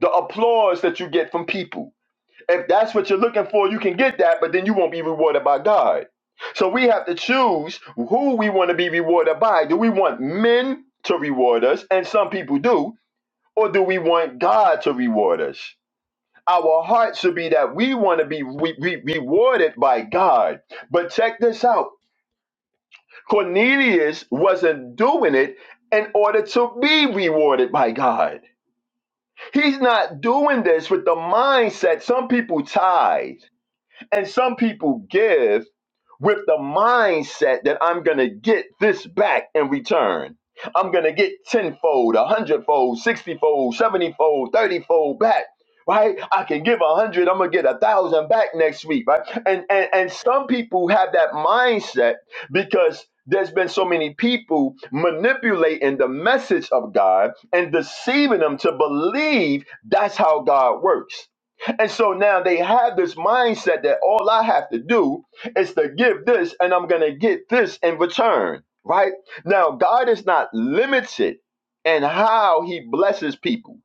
C: the applause that you get from people. If that's what you're looking for, you can get that, but then you won't be rewarded by God. So we have to choose who we want to be rewarded by. Do we want men to reward us? And some people do. Or do we want God to reward us? Our heart should be that we want to be re- re- rewarded by God. But check this out Cornelius wasn't doing it in order to be rewarded by God. He's not doing this with the mindset some people tithe. And some people give with the mindset that I'm going to get this back in return. I'm going to get tenfold, a hundredfold, sixtyfold, seventyfold, thirtyfold back. Right? I can give a hundred, I'm gonna get a thousand back next week, right? And, and and some people have that mindset because there's been so many people manipulating the message of God and deceiving them to believe that's how God works. And so now they have this mindset that all I have to do is to give this and I'm going to get this in return, right? Now, God is not limited in how he blesses people.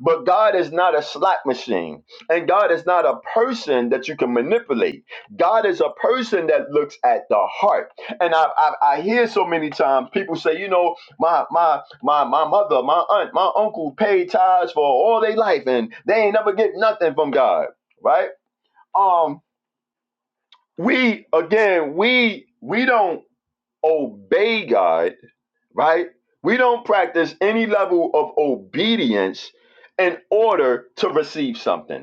C: But God is not a slot machine, and God is not a person that you can manipulate. God is a person that looks at the heart. And I, I, I hear so many times people say, you know, my my my my mother, my aunt, my uncle paid tithes for all their life, and they ain't never get nothing from God, right? Um, we again, we we don't obey God, right? We don't practice any level of obedience in order to receive something.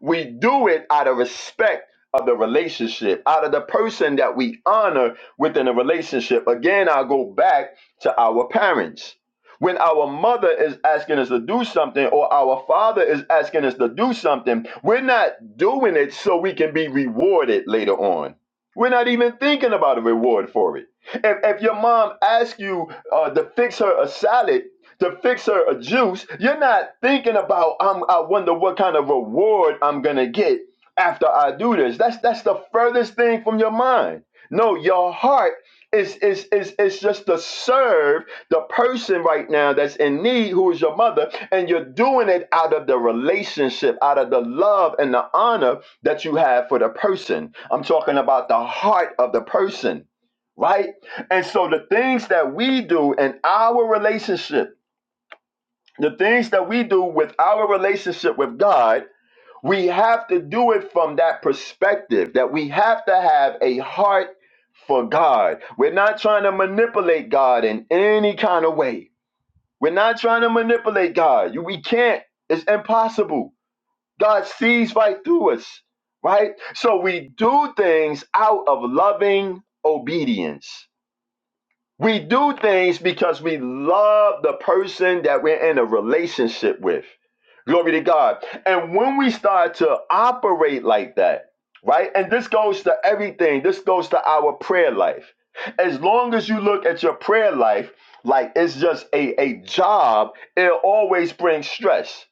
C: We do it out of respect of the relationship, out of the person that we honor within a relationship. Again, I'll go back to our parents. When our mother is asking us to do something or our father is asking us to do something, we're not doing it so we can be rewarded later on. We're not even thinking about a reward for it. If, if your mom asks you uh, to fix her a salad, to fix her a juice, you're not thinking about I'm, I wonder what kind of reward I'm gonna get after I do this. That's that's the furthest thing from your mind. No, your heart is is is is just to serve the person right now that's in need, who is your mother, and you're doing it out of the relationship, out of the love and the honor that you have for the person. I'm talking about the heart of the person, right? And so the things that we do in our relationship the things that we do with our relationship with God, we have to do it from that perspective that we have to have a heart for God. We're not trying to manipulate God in any kind of way. We're not trying to manipulate God. You- We can't. It's impossible. God sees right through us, right? So we do things out of loving obedience. We do things because we love the person that we're in a relationship with. Glory to God. And when we start to operate like that, right? And this goes to everything, this goes to our prayer life. As long as you look at your prayer life like it's just a, a job, it always brings stress.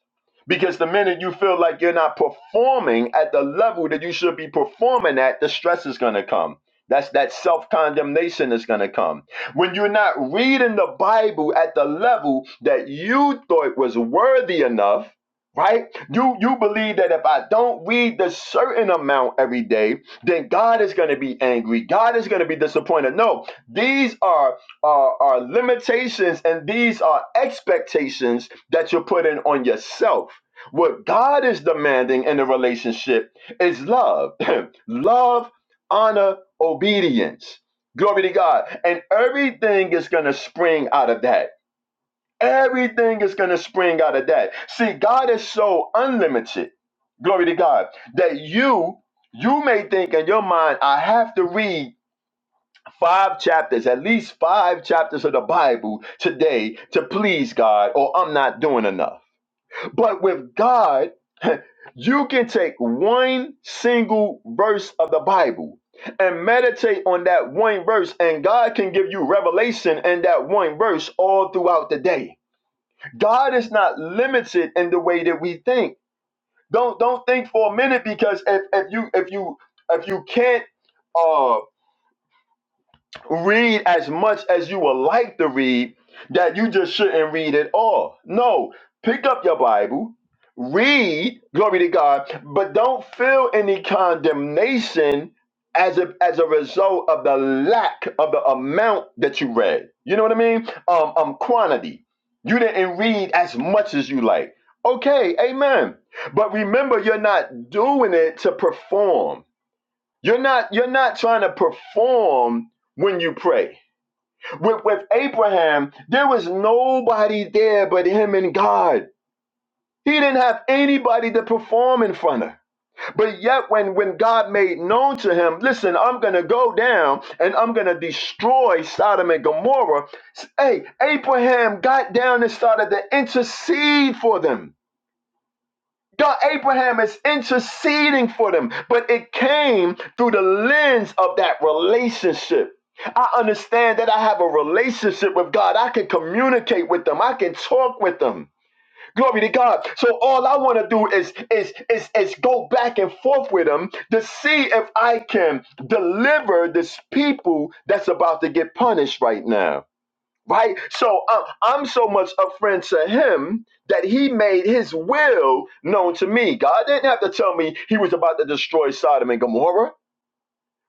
C: Because the minute you feel like you're not performing at the level that you should be performing at, the stress is going to come. That's that self condemnation is going to come when you're not reading the Bible at the level that you thought was worthy enough, right? You you believe that if I don't read the certain amount every day, then God is going to be angry. God is going to be disappointed. No, these are, are are limitations and these are expectations that you're putting on yourself. What God is demanding in a relationship is love. love, honor, obedience Glory to God. And everything is going to spring out of that. Everything is going to spring out of that. See, God is so unlimited. Glory to God. That you you may think in your mind I have to read five chapters, at least five chapters of the Bible today to please God or I'm not doing enough. But with God you can take one single verse of the Bible and meditate on that one verse, and God can give you revelation in that one verse all throughout the day. God is not limited in the way that we think. Don't don't think for a minute because if, if you if you if you can't uh read as much as you would like to read, that you just shouldn't read at all. No, pick up your Bible, read, glory to God, but don't feel any condemnation as a as a result of the lack of the amount that you read. You know what I mean? Um, um quantity. You didn't read as much as you like. Okay, amen. But remember, you're not doing it to perform. You're not you're not trying to perform when you pray. With with Abraham, there was nobody there but him and God. He didn't have anybody to perform in front of. But yet when when God made known to him, listen, I'm going to go down and I'm going to destroy Sodom and Gomorrah. Hey, Abraham got down and started to intercede for them. God, Abraham is interceding for them, but it came through the lens of that relationship. I understand that I have a relationship with God. I can communicate with them. I can talk with them. Glory to God. So all I want to do is, is is is go back and forth with them to see if I can deliver this people that's about to get punished right now right? So uh, I'm so much a friend to him that he made his will known to me. God didn't have to tell me he was about to destroy Sodom and Gomorrah.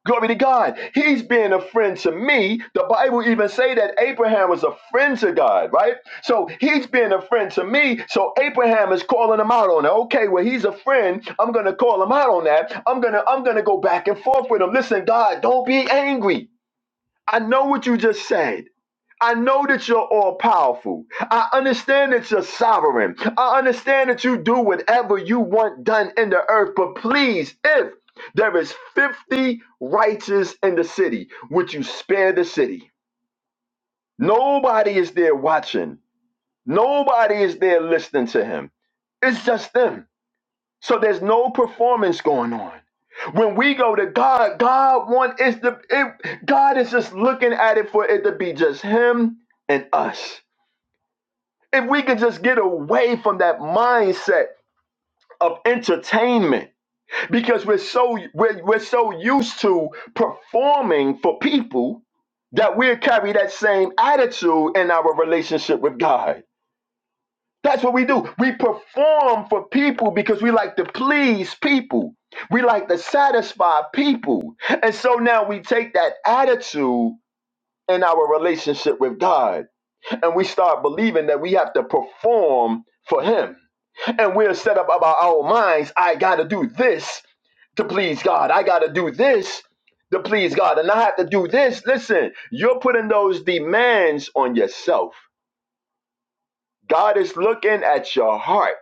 C: Glory to God. He's being a friend to me. The Bible even say that Abraham was a friend to God, right? So he's being a friend to me. So Abraham is calling him out on it. Okay, well he's a friend. I'm gonna call him out on that. I'm gonna I'm gonna go back and forth with him. Listen, God, don't be angry. I know what you just said. I know that you're all powerful. I understand that you're sovereign. I understand that you do whatever you want done in the earth. But please, if there is 50 righteous in the city, would you spare the city? Nobody is there watching, nobody is there listening to him. It's just them. So there's no performance going on. When we go to God, God want is the it, God is just looking at it for it to be just Him and us. If we could just get away from that mindset of entertainment because we're so we're, we're so used to performing for people that we carry that same attitude in our relationship with God. That's what we do. We perform for people because we like to please people. We like to satisfy people. And so now we take that attitude in our relationship with God and we start believing that we have to perform for him and we're set up about our minds. I got to do this to please God. I got to do this to please God. And I have to do this. Listen, you're putting those demands on yourself. God is looking at your heart.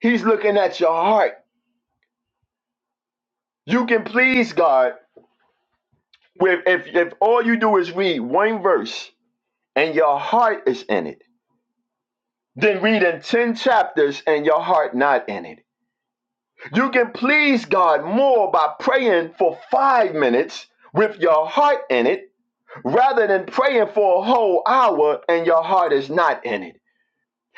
C: He's looking at your heart. You can please God with if, if all you do is read one verse and your heart is in it, then reading 10 chapters and your heart not in it. You can please God more by praying for five minutes with your heart in it rather than praying for a whole hour and your heart is not in it.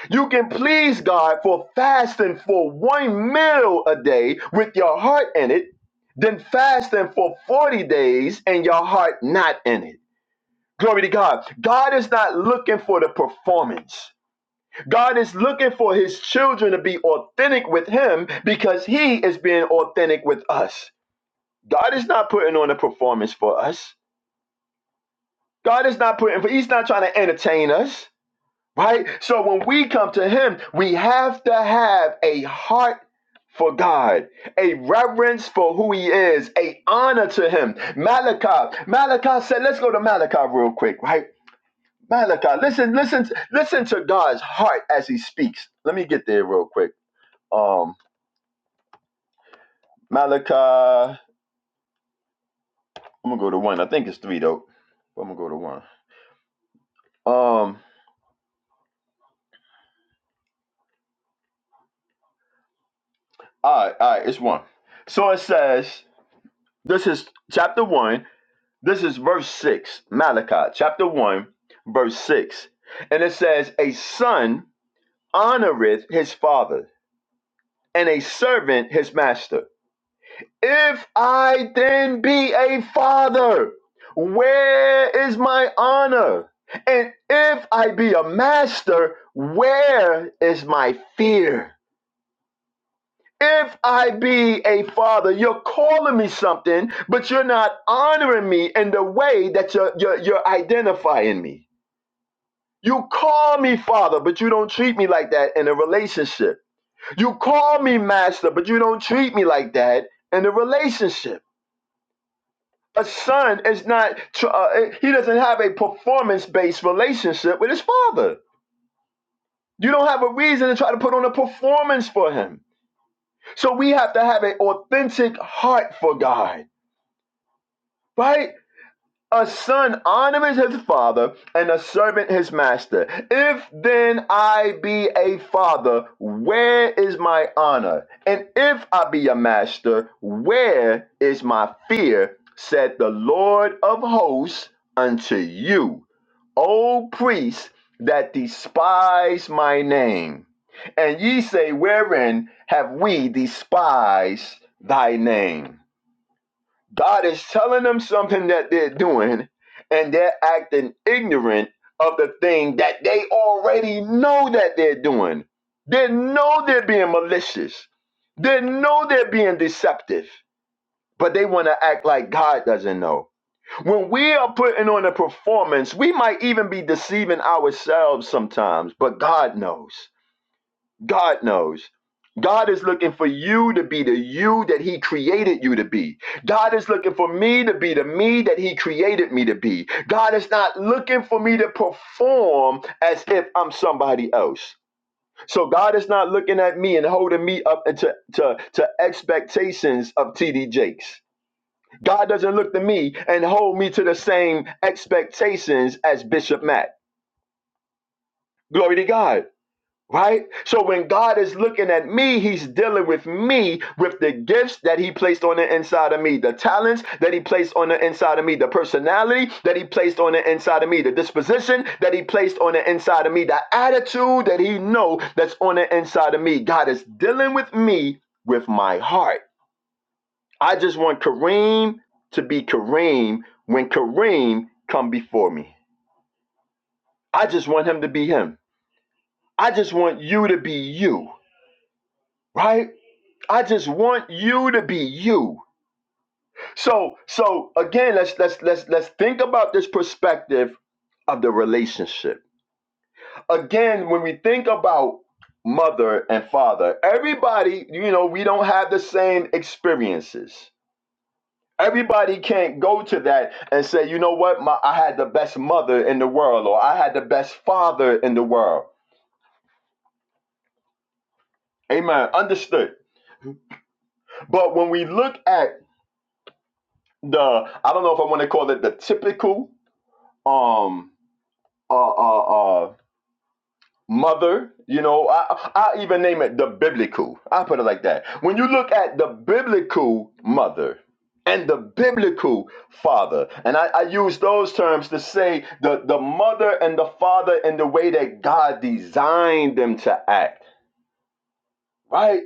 C: You can please God for fasting for one meal a day with your heart in it than fasting for 40 days and your heart not in it. Glory to God. God is not looking for the performance. God is looking for his children to be authentic with him because he is being authentic with us. God is not putting on a performance for us. God is not putting for He's not trying to entertain us, right? So when we come to Him, we have to have a heart for God, a reverence for who He is, a honor to Him. Malachi, Malachi said, let's go to Malachi real quick, right? Malachi, listen, listen, listen to God's heart as He speaks. Let me get there real quick. Um, Malachi, I'm gonna go to one. I think it's three though. but I'm gonna go to one. Um. All right, all right, it's one. So it says, this is chapter one, this is verse six, Malachi, chapter one, verse six. And it says, A son honoreth his father, and a servant his master. If I then be a father, where is my honor? And if I be a master, where is my fear? If I be a father, you're calling me something, but you're not honoring me in the way that you're, you're, you're identifying me. You call me father, but you don't treat me like that in a relationship. You call me master, but you don't treat me like that in a relationship. A son is not, tr- uh, eh, he doesn't have a performance based relationship with his father. You don't have a reason to try to put on a performance for him. So we have to have an authentic heart for God right? A son honors his father, and a servant his master. If then I be a father, where is my honor? And if I be a master, where is my fear? Said the Lord of hosts unto you, O priests that despise my name. And ye say, Wherein have we despised thy name? God is telling them something that they're doing, and they're acting ignorant of the thing that they already know that they're doing. They know they're being malicious. They know they're being deceptive, but they want to act like God doesn't know. When we are putting on a performance, we might even be deceiving ourselves sometimes, but God knows. God knows. God is looking for you to be the you that He created you to be. God is looking for me to be the me that He created me to be. God is not looking for me to perform as if I'm somebody else. So God is not looking at me and holding me up to, to, to expectations of TD Jakes. God doesn't look to me and hold me to the same expectations as Bishop Matt. Glory to God. Right? So when God is looking at me, He's dealing with me with the gifts that He placed on the inside of me, the talents that He placed on the inside of me, the personality that He placed on the inside of me, the disposition that He placed on the inside of me, the attitude that He know that's on the inside of me. God is dealing with me with my heart. I just want Kareem to be Kareem when Kareem come before me. I just want him to be him. I just want you to be you, right? I just want you to be you. So so again, let's let's let's let's think about this perspective of the relationship. Again, when we think about mother and father, everybody, you know, we don't have the same experiences. Everybody can't go to that and say, you know what, My, I had the best mother in the world or I had the best father in the world. Amen. Understood. But when we look at the, I don't know if I want to call it the typical um uh, uh, uh, mother. You know, I, I even name it the biblical. I put it like that. When you look at the biblical mother and the biblical father, and I, I use those terms to say the, the mother and the father in the way that God designed them to act, right?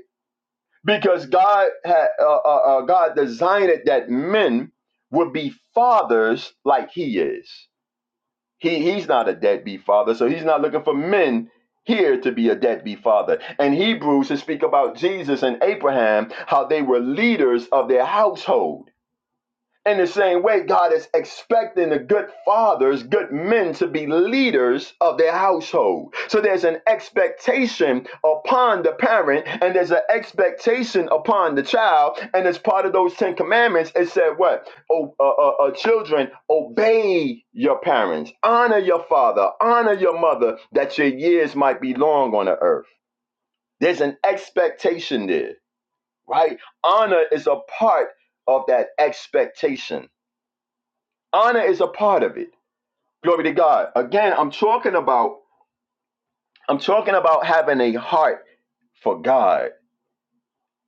C: Because God had uh, uh, uh, God designed it that men would be fathers like He is He he's not a deadbeat father, so he's not looking for men here to be a deadbeat father. And Hebrews should speak about Jesus and Abraham, how they were leaders of their household. In the same way, God is expecting the good fathers, good men to be leaders of their household. So there's an expectation upon the parent, and there's an expectation upon the child. And as part of those Ten Commandments, it said, What? Oh, uh, uh, uh, children, obey your parents, honor your father, honor your mother, that your years might be long on the earth. There's an expectation there, right? Honor is a part of that expectation honor is a part of it glory to god again i'm talking about i'm talking about having a heart for god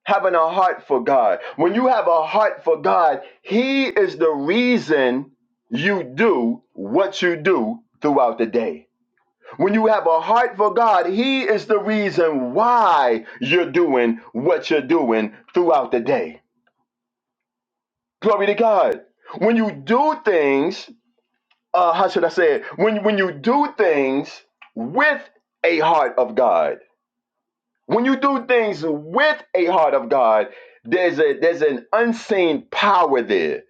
C: having a heart for god when you have a heart for god he is the reason you do what you do throughout the day when you have a heart for god he is the reason why you're doing what you're doing throughout the day glory to god when you do things uh, how should I say it? When when you do things with a heart of God, when you do things with a heart of God, there's a there's an unseen power there,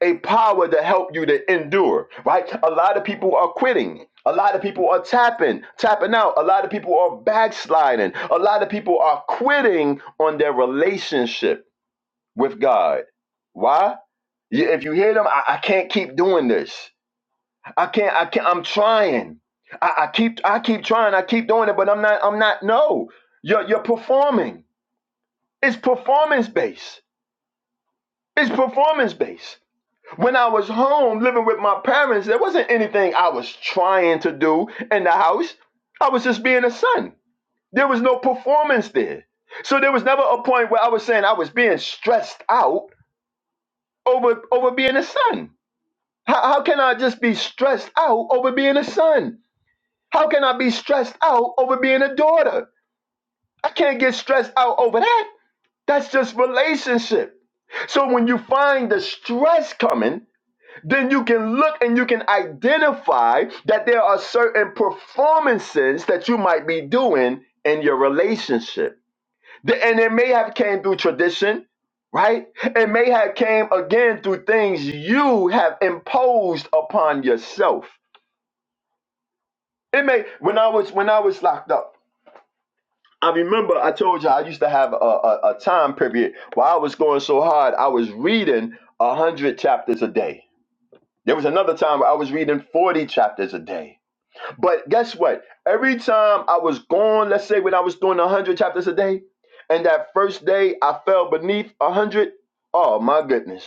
C: a power to help you to endure. Right? A lot of people are quitting. A lot of people are tapping, tapping out. A lot of people are backsliding. A lot of people are quitting on their relationship with God. Why? You- If you hear them, I I can't keep doing this. I can't. I can't. I'm trying. I, I keep. I keep trying. I keep doing it, but I'm not. I'm not. No, you're you're performing. It's performance based. It's performance based. When I was home living with my parents, there wasn't anything I was trying to do in the house. I was just being a son. There was no performance there. So there was never a point where I was saying I was being stressed out over over being a son. How, how can I just be stressed out over being a son? How can I be stressed out over being a daughter? I can't get stressed out over that. That's just relationship. So when you find the stress coming, then you can look and you can identify that there are certain performances that you might be doing in your relationship. And it may have came through tradition, right? It may have came again through things you have imposed upon yourself. It may when I was when I was locked up. I remember I told you I used to have a, a, a time period where I was going so hard, I was reading 100 chapters a day. There was another time where I was reading 40 chapters a day. But guess what? Every time I was gone, let's say when I was doing 100 chapters a day, and that first day I fell beneath a hundred, oh my goodness.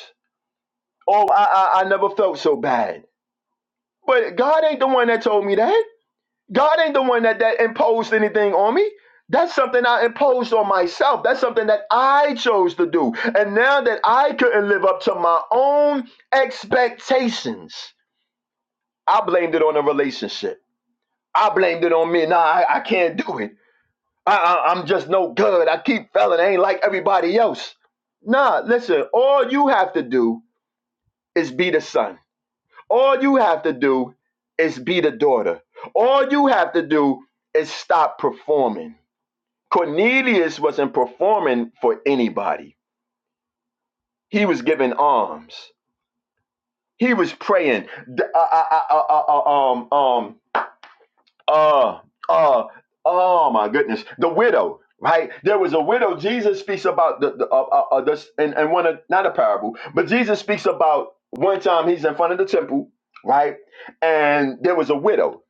C: Oh, I, I, I never felt so bad. But God ain't the one that told me that. God ain't the one that, that imposed anything on me. That's something I imposed on myself. That's something that I chose to do. And now that I couldn't live up to my own expectations, I blamed it on the relationship. I blamed it on me. Nah, I, I can't do it. I, I, I'm just no good. I keep failing. I ain't like everybody else. Nah, listen, all you have to do is be the son. All you have to do is be the daughter. All you have to do is stop performing. Cornelius wasn't performing for anybody. He was giving alms. He was praying. D- uh, uh, uh, uh, uh, uh, um, um, uh, uh, oh my goodness, the widow. Right, there was a widow. Jesus speaks about the, the uh, uh, uh, this, and and one of not a parable, but Jesus speaks about one time he's in front of the temple, right, and there was a widow.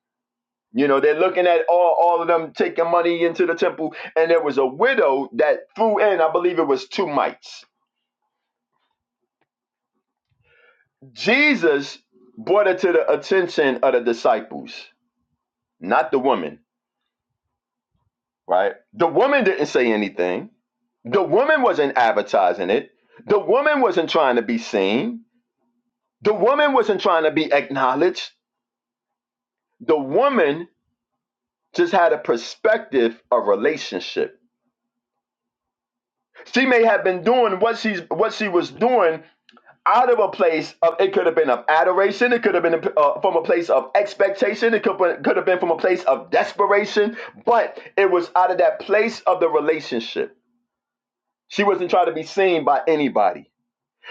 C: You know, they're looking at all all of them taking money into the temple, and there was a widow that threw in, I believe it was two mites Jesus brought it to the attention of the disciples, not the woman, right? The woman didn't say anything. The woman wasn't advertising it. The woman wasn't trying to be seen. The woman wasn't trying to be acknowledged. The woman just had a perspective of relationship. She may have been doing what she's what she was doing out of a place of it could have been of adoration it could have been uh, from a place of expectation it could, could have been from a place of desperation but it was out of that place of the relationship she wasn't trying to be seen by anybody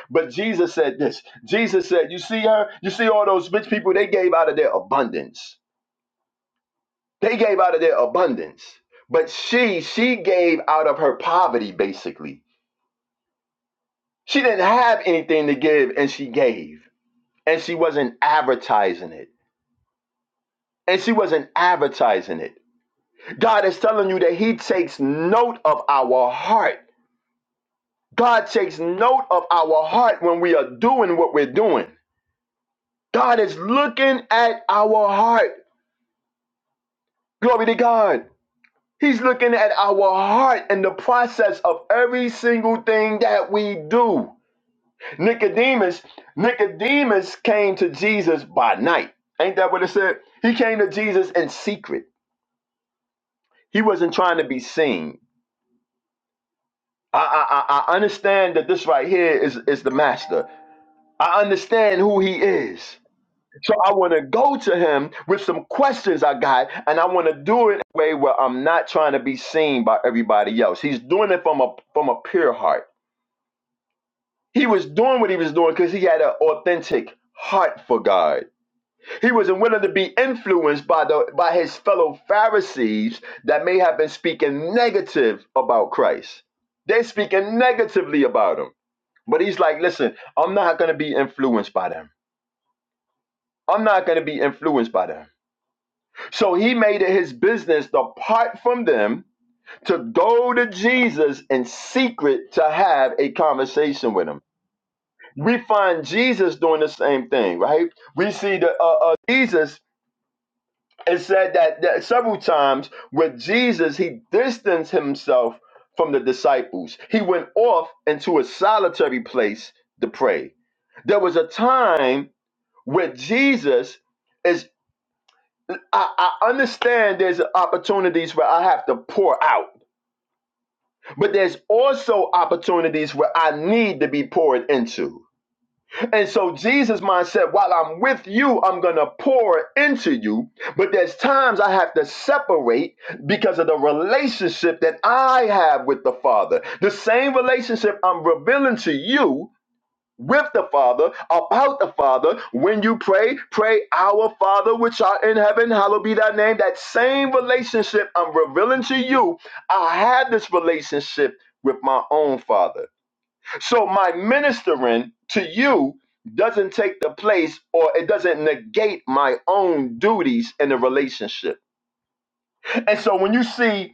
C: but jesus said this jesus said you see her you see all those rich people they gave out of their abundance they gave out of their abundance but she she gave out of her poverty basically she didn't have anything to give and she gave and she wasn't advertising it and she wasn't advertising it. God is telling you that He takes note of our heart. God takes note of our heart when we are doing what we're doing. God is looking at our heart. Glory to God. He's looking at our heart in the process of every single thing that we do. Nicodemus, Nicodemus came to Jesus by night. Ain't that what it said? He came to Jesus in secret. He wasn't trying to be seen. I, I, I I understand that this right here is, is the master. I understand who he is. So I want to go to him with some questions I got, and I want to do it in a way where I'm not trying to be seen by everybody else. He's doing it from a from a pure heart. He was doing what he was doing because he had an authentic heart for God. He wasn't willing to be influenced by the by his fellow Pharisees that may have been speaking negative about Christ. They're speaking negatively about him. But he's like, listen, I'm not going to be influenced by them. I'm not going to be influenced by them. So he made it his business to part from them, to go to Jesus in secret to have a conversation with him. We find Jesus doing the same thing, right? We see that uh, uh, Jesus, it said that, that several times with Jesus, he distanced himself from the disciples. He went off into a solitary place to pray. There was a time with Jesus is I, I understand there's opportunities where I have to pour out, but there's also opportunities where I need to be poured into. And so Jesus' mindset, while I'm with you, I'm gonna pour into you, but there's times I have to separate because of the relationship that I have with the Father. The same relationship I'm revealing to you with the Father, about the Father. When you pray, pray, Our Father which art in heaven, hallowed be thy name. That same relationship I'm revealing to you, I had this relationship with my own Father. So my ministering to you doesn't take the place or it doesn't negate my own duties in the relationship. And so when you see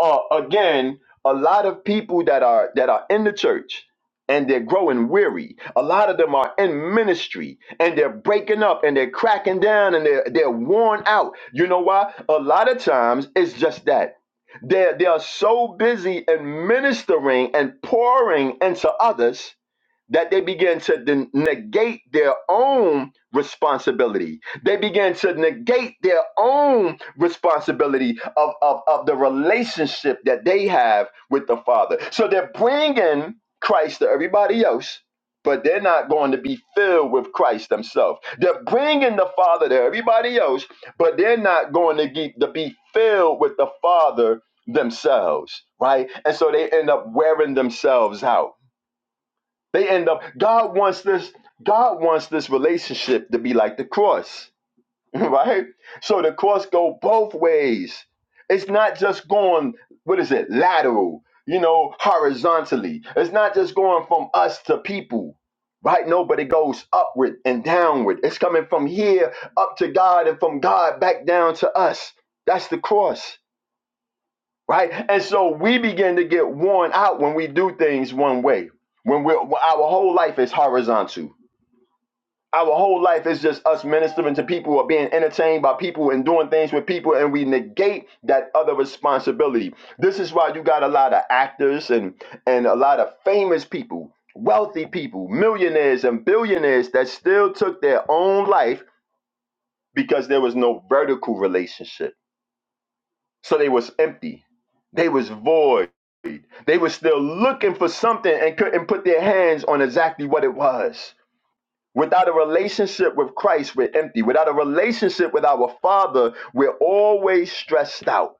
C: uh, again, a lot of people that are that are in the church and they're growing weary. A lot of them are in ministry and they're breaking up and they're cracking down and they're they're worn out. You know why? A lot of times it's just that. They're, they are so busy in ministering and pouring into others that they began to den- negate their own responsibility. They began to negate their own responsibility of, of, of the relationship that they have with the Father. So they're bringing Christ to everybody else, but they're not going to be filled with Christ themselves. They're bringing the Father to everybody else, but they're not going to, get, to be filled with the Father themselves, right? And so they end up wearing themselves out they end up, God wants this, God wants this relationship to be like the cross, right? So the cross go both ways. It's not just going, what is it, lateral, you know, horizontally. It's not just going from us to people. Right, no, but it goes upward and downward. It's coming from here up to God and from God back down to us. That's the cross right? And so we begin to get worn out when we do things one way. When we're when our whole life is horizontal. Our whole life is just us ministering to people or being entertained by people and doing things with people, and we negate that other responsibility. This is why you got a lot of actors and and a lot of famous people, wealthy people, millionaires and billionaires that still took their own life because there was no vertical relationship. So they was empty. They was void They were still looking for something and couldn't put their hands on exactly what it was. Without a relationship with Christ, we're empty. Without a relationship with our Father, we're always stressed out.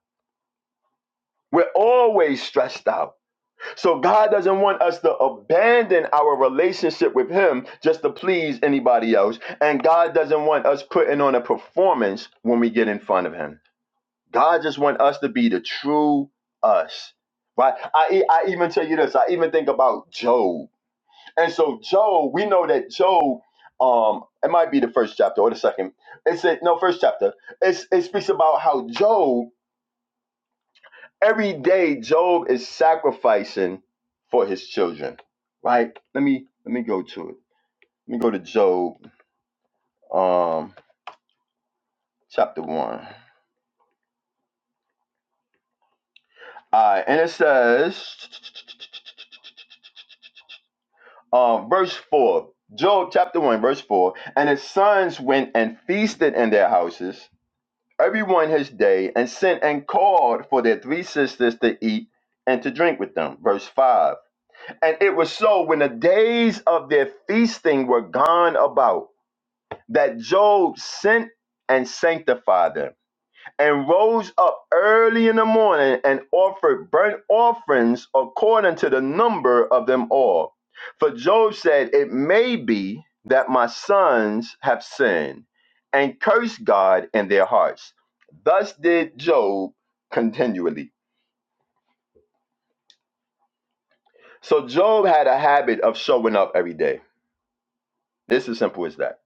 C: We're always stressed out. So God doesn't want us to abandon our relationship with Him just to please anybody else. And God doesn't want us putting on a performance when we get in front of Him. God just wants us to be the true us. Right? I, e, I even tell you this. I even think about Job. And so Job, we know that Job, um, it might be the first chapter or the second. It said no, first chapter. It's, it speaks about how Job every day Job is sacrificing for his children. Right? Let me let me go to it. Let me go to Job, um, chapter one. All right, and it says um, verse 4, Job chapter 1, verse 4. And his sons went and feasted in their houses. everyone his day, and sent and called for their three sisters to eat and to drink with them. Verse 5. And it was so when the days of their feasting were gone about that Job sent and sanctified them and rose up early in the morning and offered burnt offerings according to the number of them all. For Job said, It may be that my sons have sinned and cursed God in their hearts. Thus did Job continually. So Job had a habit of showing up every day. This is simple as that.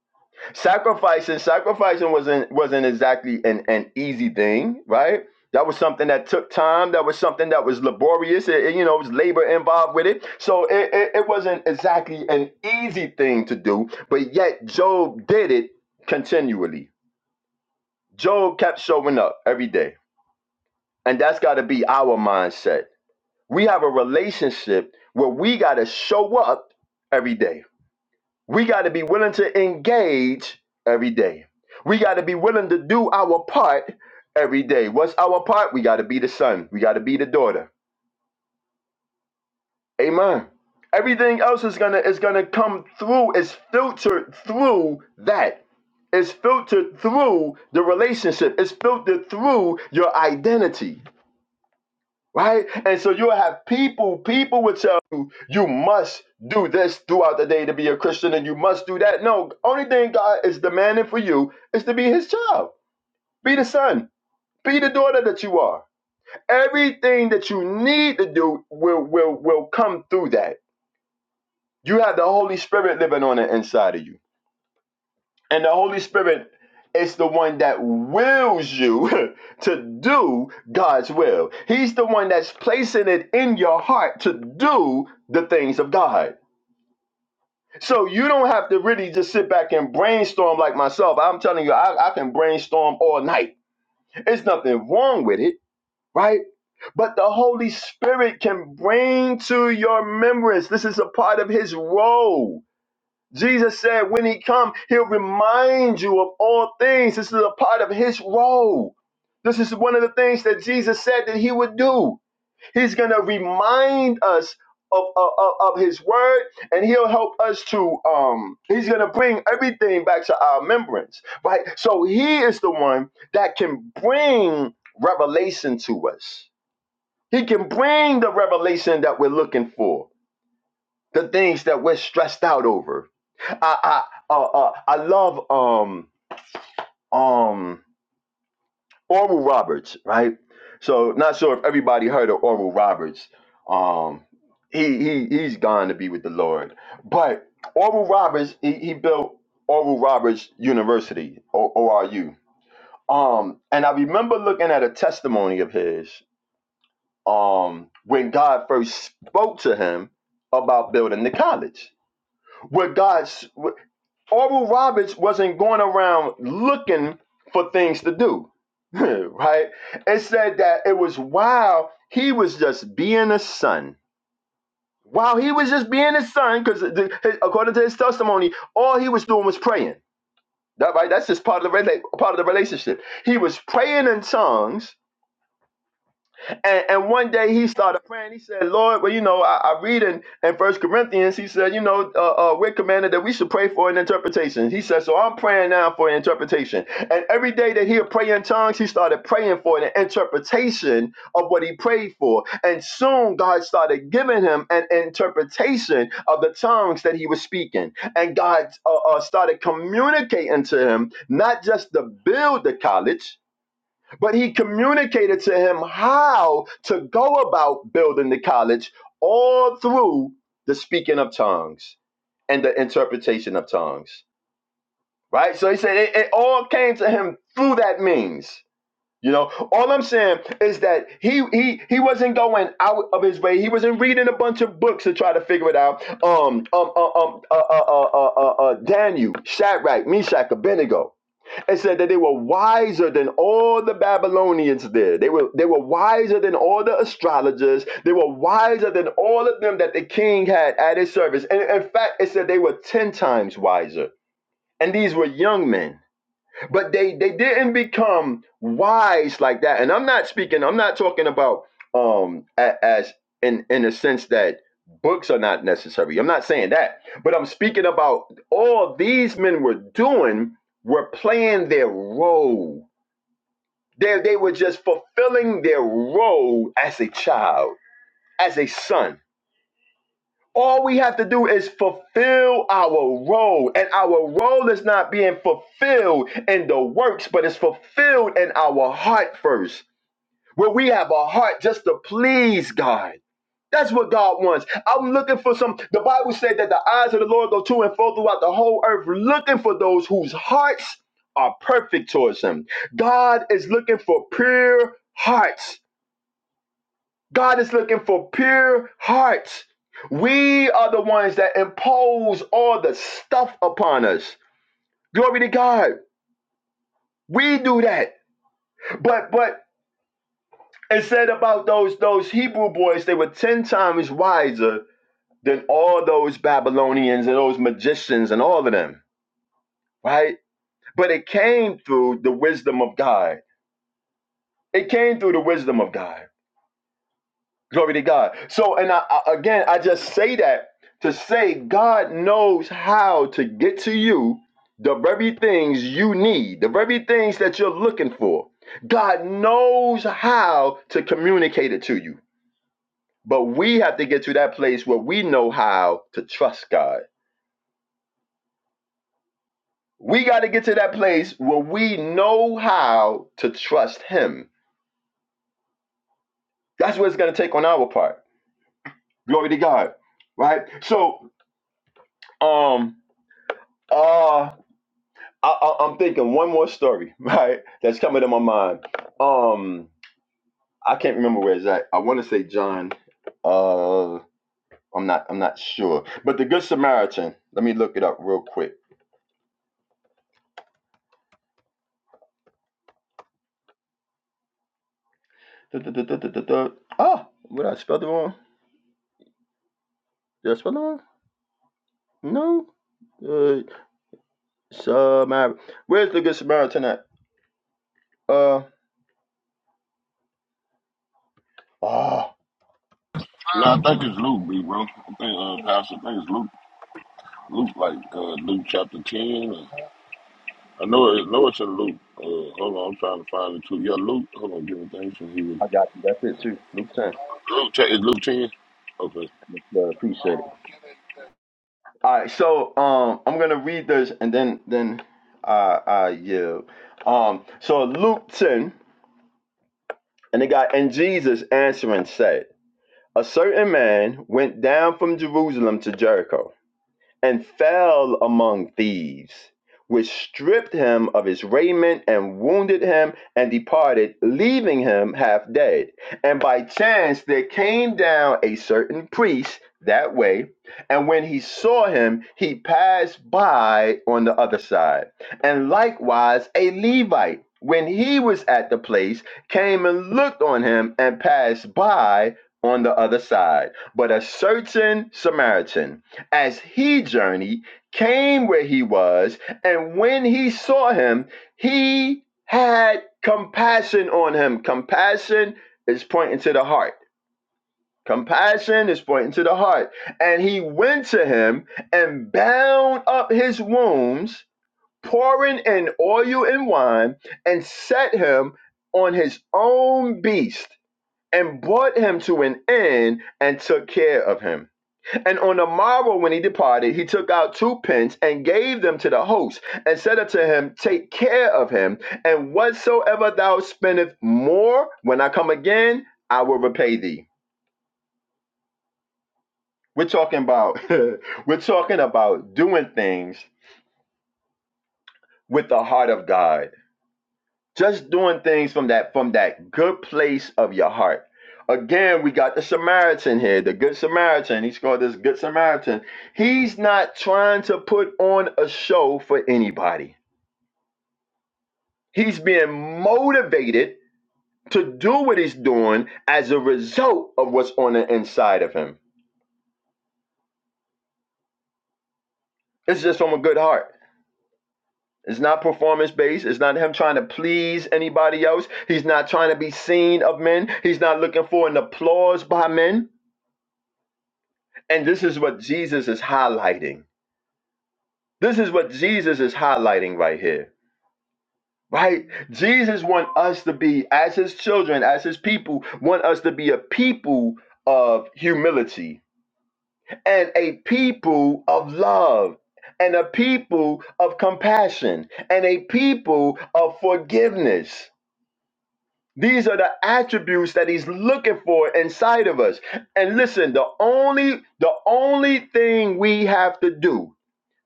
C: sacrificing sacrificing wasn't wasn't exactly an, an easy thing right that was something that took time that was something that was laborious it, it, you know it was labor involved with it so it, it, it wasn't exactly an easy thing to do but yet job did it continually job kept showing up every day and that's got to be our mindset we have a relationship where we got to show up every day we got to be willing to engage every day. We got to be willing to do our part every day. What's our part? We got to be the son. We got to be the daughter. Amen. Everything else is gonna is gonna come through. It's filtered through that. It's filtered through the relationship. It's filtered through your identity. right? And so you'll have people, people will tell you, you must do this throughout the day to be a Christian and you must do that. No, only thing God is demanding for you is to be his child, be the son, be the daughter that you are. Everything that you need to do will will will come through that. You have the Holy Spirit living on the inside of you. And the Holy Spirit is the one that wills you to do God's will. He's the one that's placing it in your heart to do the things of God. So you don't have to really just sit back and brainstorm like myself. I'm telling you, I, I can brainstorm all night. There's nothing wrong with it, right? But the Holy Spirit can bring to your remembrance. This is a part of His role Jesus said, when he come, he'll remind you of all things. This is a part of his role. This is one of the things that Jesus said that he would do. He's going to remind us of, of, of his word and he'll help us to um he's going to bring everything back to our remembrance right so he is the one that can bring revelation to us he can bring the revelation that we're looking for the things that we're stressed out over. I I uh, uh, I love um um Oral Roberts, right? So not sure if everybody heard of Oral Roberts. Um, he he he's gone to be with the Lord, but Oral Roberts he, he built Oral Roberts University O R U. Um, and I remember looking at a testimony of his. Um, when God first spoke to him about building the college, where God Oral Roberts wasn't going around looking for things to do, right? It said that it was while he was just being a son. While he was just being a son, because according to his testimony, all he was doing was praying. That right? That's just part of the rela- part of the relationship. He was praying in tongues and, and one day he started praying. He said, Lord, well, you know, I, I read in, in First Corinthians, he said, you know, uh, uh, we're commanded that we should pray for an interpretation. He said, so I'm praying now for an interpretation. And every day that he'll pray in tongues, he started praying for an interpretation of what he prayed for. And soon God started giving him an interpretation of the tongues that he was speaking. And God uh, uh, started communicating to him, not just to build the college, but he communicated to him how to go about building the college all through the speaking of tongues and the interpretation of tongues. Right? So he said it, it all came to him through that means. You know, all I'm saying is that he he he wasn't going out of his way. He wasn't reading a bunch of books to try to figure it out. Um um um um uh uh uh uh, uh, uh Daniel, Shadrach, Meshach, Abednego. It said that they were wiser than all the Babylonians there. They were they were wiser than all the astrologers. They were wiser than all of them that the king had at his service. And in fact, it said they were ten times wiser. And these were young men but they they didn't become wise like that and i'm not speaking i'm not talking about um a- as in in a sense that books are not necessary i'm not saying that but i'm speaking about all these men were doing were playing their role they, they were just fulfilling their role as a child as a son all we have to do is fulfill our role. And our role is not being fulfilled in the works, but it's fulfilled in our heart first, where we have a heart just to please God. That's what God wants. I'm looking for some. The Bible said that the eyes of the Lord go to and fro throughout the whole earth, looking for those whose hearts are perfect towards Him. God is looking for pure hearts. God is looking for pure hearts. We are the ones that impose all the stuff upon us. Glory to God. We do that. But but it said about those those Hebrew boys, they were ten times wiser than all those Babylonians and those magicians and all of them, right? But it came through the wisdom of God. It came through the wisdom of God. Glory to God. So, and I, I- again, I just say that to say God knows how to get to you the very things you need, the very things that you're looking for. God knows how to communicate it to you. But we have to get to that place where we know how to trust God. We got to get to that place where we know how to trust Him. That's what it's going to take on our part. Glory to God. Right? So, um, uh, I, I, I'm thinking one more story, right? That's coming to my mind. Um, I can't remember where it's at. I want to say John. Uh, I'm not. I'm not sure. But the Good Samaritan. Let me look it up real quick. du du what I spelled it wrong? Did I spell it wrong? No. Uh, Samar. Where's the Good Samaritan at? Uh. Ah,
F: Nah, I think it's Luke, B, bro. I think, uh, Pastor, I think it's Luke. Luke, like uh, Luke chapter 10. or- I know, it, know it's in Luke. Uh, hold on, I'm trying to find it too. Yeah, Luke. Hold on, give me things from here.
C: I got you. That's it too. Luke ten.
F: Luke, cha- is Luke 10? Okay.
C: Uh, appreciate it. All right, so um, I'm gonna read this and then then uh, uh yeah. Um, so Luke 10, and it got and Jesus answering said, a certain man went down from Jerusalem to Jericho and fell among thieves, which stripped him of his raiment and wounded him and departed, leaving him half dead. And by chance there came down a certain priest that way, and when he saw him, he passed by on the other side. And likewise a Levite, when he was at the place, came and looked on him and passed by on the other side. But a certain Samaritan, as he journeyed, came where he was, and when he saw him, he had compassion on him. Compassion is pointing to the heart. Compassion is pointing to the heart. And he went to him and bound up his wounds, pouring in oil and wine, and set him on his own beast, and brought him to an inn and took care of him. And on the morrow, when he departed, he took out two pence and gave them to the host, and said unto him, Take care of him, and whatsoever thou spendest more, when I come again, I will repay thee. We're talking about we're talking about doing things with the heart of God just doing things from that from that good place of your heart again we got the samaritan here the good samaritan he's called this good samaritan he's not trying to put on a show for anybody he's being motivated to do what he's doing as a result of what's on the inside of him it's just from a good heart it's not performance based. It's not him trying to please anybody else. He's not trying to be seen of men. He's not looking for an applause by men. And this is what Jesus is highlighting. This is what Jesus is highlighting right here. Right? Jesus want us to be as his children, as his people, want us to be a people of humility and a people of love and a people of compassion and a people of forgiveness. These are the attributes that he's looking for inside of us. And listen, the only the only thing we have to do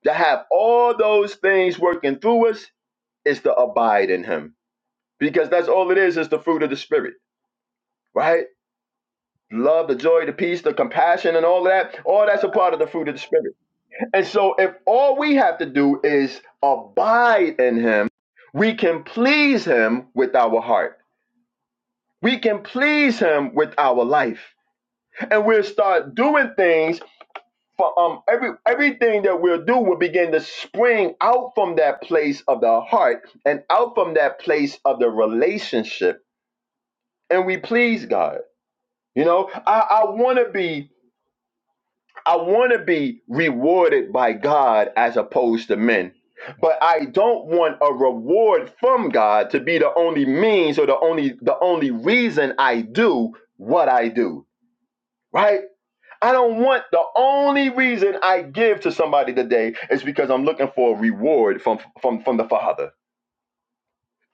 C: to have all those things working through us is to abide in him because that's all it is is the fruit of the spirit right love the joy the peace the compassion and all that all that's a part of the fruit of the spirit and so if all we have to do is abide in him we can please him with our heart we can please him with our life and we'll start doing things for um every everything that we'll do will begin to spring out from that place of the heart and out from that place of the relationship and we please god you know i i want to be i want to be rewarded by god as opposed to men but i don't want a reward from god to be the only means or the only the only reason i do what i do right I don't want the only reason I give to somebody today is because I'm looking for a reward from from from the Father.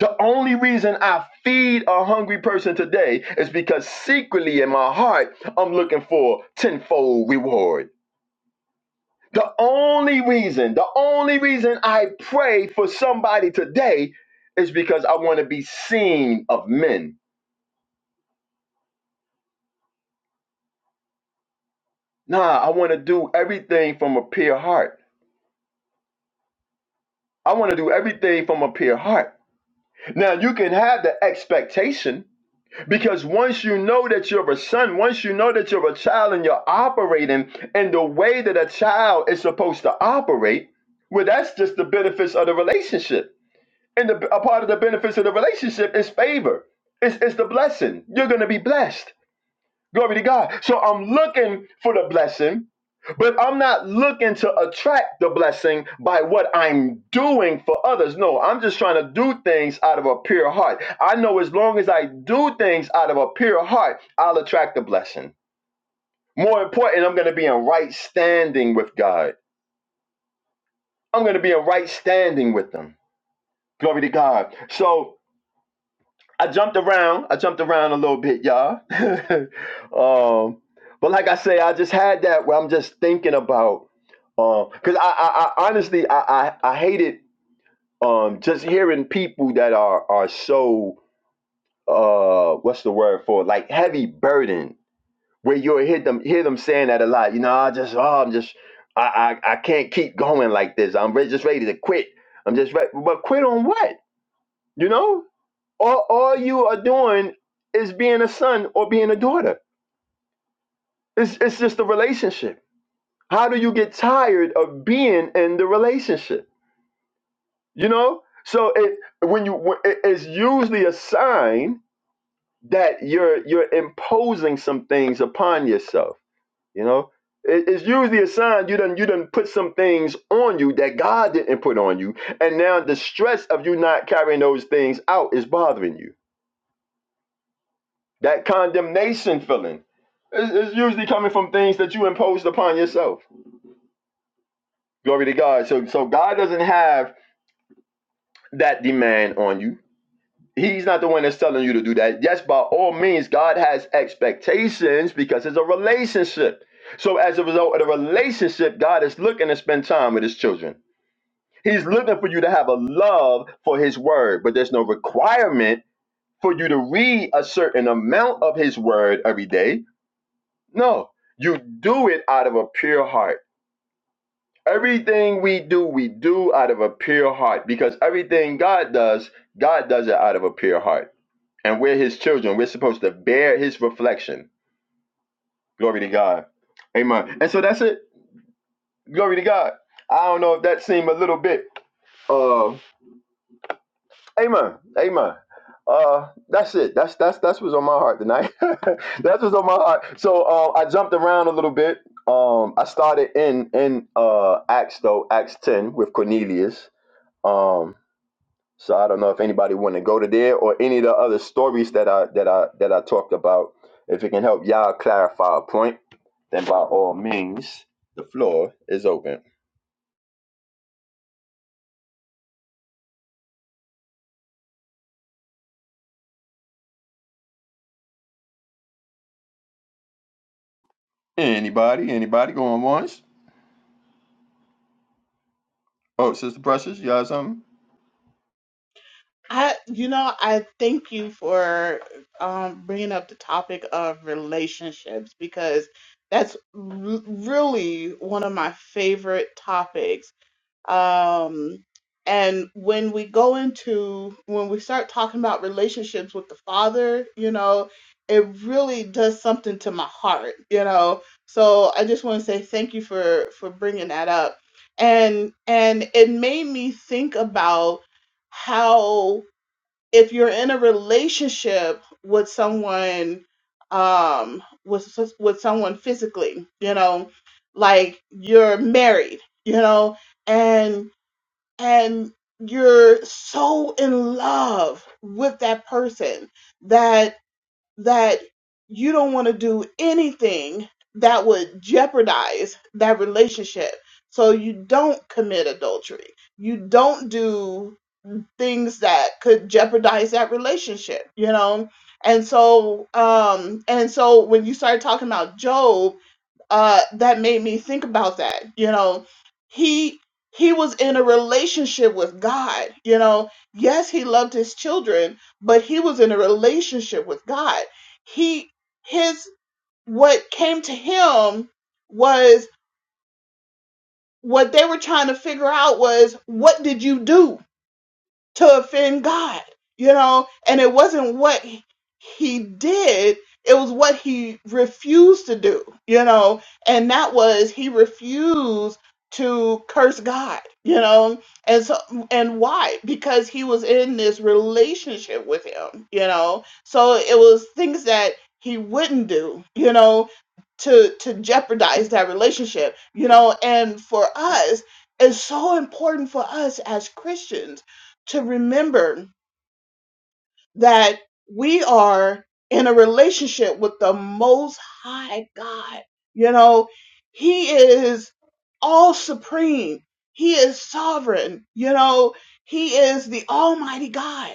C: The only reason I feed a hungry person today is because secretly in my heart I'm looking for tenfold reward. The only reason, the only reason I pray for somebody today is because I want to be seen of men. Nah, I want to do everything from a pure heart. I want to do everything from a pure heart. Now you can have the expectation because once you know that you're a son, once you know that you're a child and you're operating in the way that a child is supposed to operate, well, that's just the benefits of the relationship. And the, a part of the benefits of the relationship is favor. It's, it's the blessing. You're going to be blessed. Glory to God. So I'm looking for the blessing, but I'm not looking to attract the blessing by what I'm doing for others. No, I'm just trying to do things out of a pure heart. I know as long as I do things out of a pure heart, I'll attract the blessing. More important, I'm going to be in right standing with God. I'm going to be in right standing with them. Glory to God. So I jumped around. I jumped around a little bit, y'all. um, but like I say, I just had that where I'm just thinking about um because I, I I honestly I I, I hated um just hearing people that are are so uh what's the word for it? like heavy burden where you'll hear them hear them saying that a lot. You know, I just oh I'm just I I, I can't keep going like this. I'm re- just ready to quit. I'm just ready, but quit on what? You know, all, all you are doing is being a son or being a daughter. It's, it's just a relationship. How do you get tired of being in the relationship? You know, so it when you when- it- it's usually a sign that you're you're imposing some things upon yourself. You know, It- it's usually a sign you done you done put some things on you that God didn't put on you, and now the stress of you not carrying those things out is bothering you That condemnation feeling is, is usually coming from things that you imposed upon yourself. Glory to God. So, so God doesn't have that demand on you. He's not the one that's telling you to do that. Yes, by all means, God has expectations because it's a relationship. So, as a result of the relationship, God is looking to spend time with His children. He's looking for you to have a love for His word, but there's no requirement for you to read a certain amount of His word every day No, you do it out of a pure heart. Everything we do, we do out of a pure heart because everything God does, God does it out of a pure heart. And we're His children. We're supposed to bear His reflection. Glory to God. Amen. And so that's it. Glory to God. I don't know if that seemed a little bit. uh, Amen. Amen. Uh, that's it. That's that's that's what's on my heart tonight. that's what's on my heart. So uh, I jumped around a little bit. Um, I started in in uh Acts though Acts ten with Cornelius. Um, so I don't know if anybody want to go to there or any of the other stories that I that I that I talked about. If it can help y'all clarify a point, then by all means, the floor is open. Anybody? Anybody going once? Oh, Sister Precious, you got something?
E: I, you know, I thank you for um, bringing up the topic of relationships because that's r- really one of my favorite topics. Um, and when we go into, when we start talking about relationships with the Father, you know, it really does something to my heart, you know. So I just want to say thank you for for bringing that up, and and it made me think about how if you're in a relationship with someone, um, with with someone physically, you know, like you're married, you know, and and you're so in love with that person that that you don't want to do anything that would jeopardize that relationship so you don't commit adultery you don't do things that could jeopardize that relationship you know and so um and so when you start talking about job uh, that made me think about that. You know, he he was in a relationship with God. You know, yes, he loved his children, but he was in a relationship with God. He his what came to him was what they were trying to figure out was what did you do? to offend God, you know? And it wasn't what he did, it was what he refused to do, you know? And that was he refused to curse God, you know? And so and why? Because he was in this relationship with him, you know? So it was things that he wouldn't do, you know, to to jeopardize that relationship, you know? And for us, it's so important for us as Christians to remember that we are in a relationship with the most high God. You know, he is all supreme. He is sovereign. You know, he is the almighty God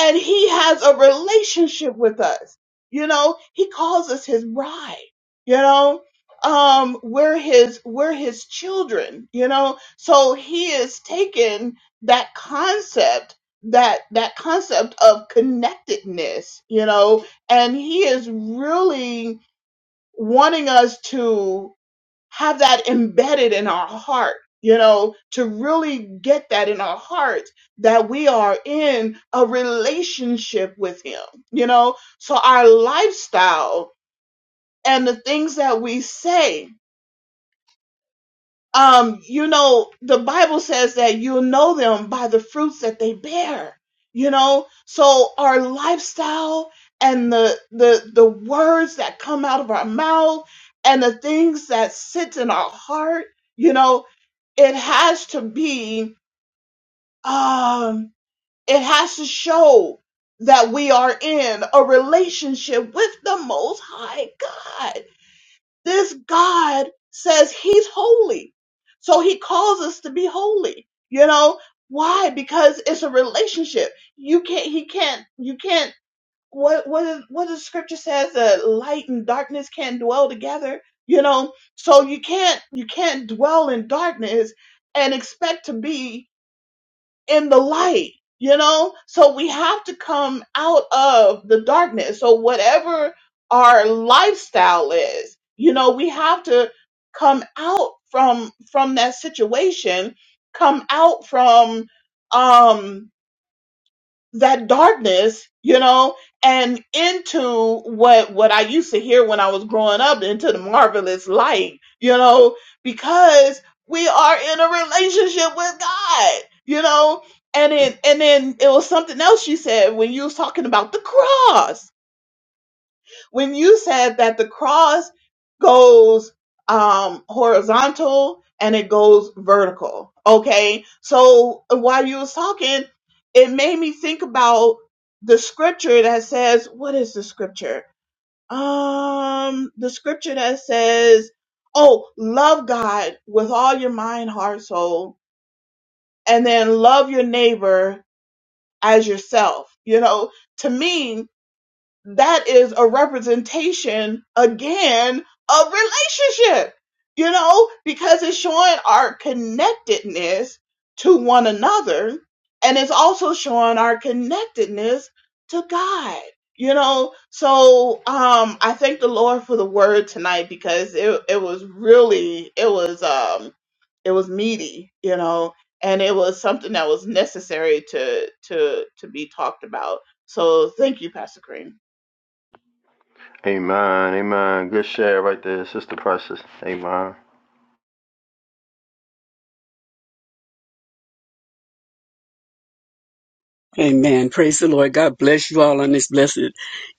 E: and he has a relationship with us. You know, he calls us his bride. You know, um, we're his we're his children. You know, so he is taken that concept that that concept of connectedness. You know, and he is really wanting us to have that embedded in our heart, you know, to really get that in our heart that we are in a relationship with Him, you know. So our lifestyle and the things that we say, um, you know, the Bible says that you'll know them by the fruits that they bear, you know. So our lifestyle and the the the words that come out of our mouth and the things that sit in our heart you know it has to be um it has to show that we are in a relationship with the most high god this god says he's holy so he calls us to be holy you know why because it's a relationship you can't he can't you can't what what is what the scripture says that light and darkness can't dwell together you know so you can't you can't dwell in darkness and expect to be in the light, you know? So we have to come out of the darkness. So whatever our lifestyle is, you know, we have to come out from from that situation, come out from um that darkness, you know, and into what what I used to hear when I was growing up into the marvelous light, you know, because we are in a relationship with God, you know. And it and then it was something else you said when you was talking about the cross when you said that the cross goes um horizontal and it goes vertical okay so while you was talking it made me think about the scripture that says what is the scripture um the scripture that says oh love god with all your mind heart soul and then love your neighbor as yourself you know to me that is a representation again of relationship, you know, because it's showing our connectedness to one another and it's also showing our connectedness to God, you know. So um I thank the Lord for the word tonight because it it was really it was um it was meaty, you know, and it was something that was necessary to to to be talked about. So thank you, Pastor Green.
C: Amen. Amen. Good share right there, Sister Precious. Amen.
G: Amen. Praise the Lord. God bless you all on this blessed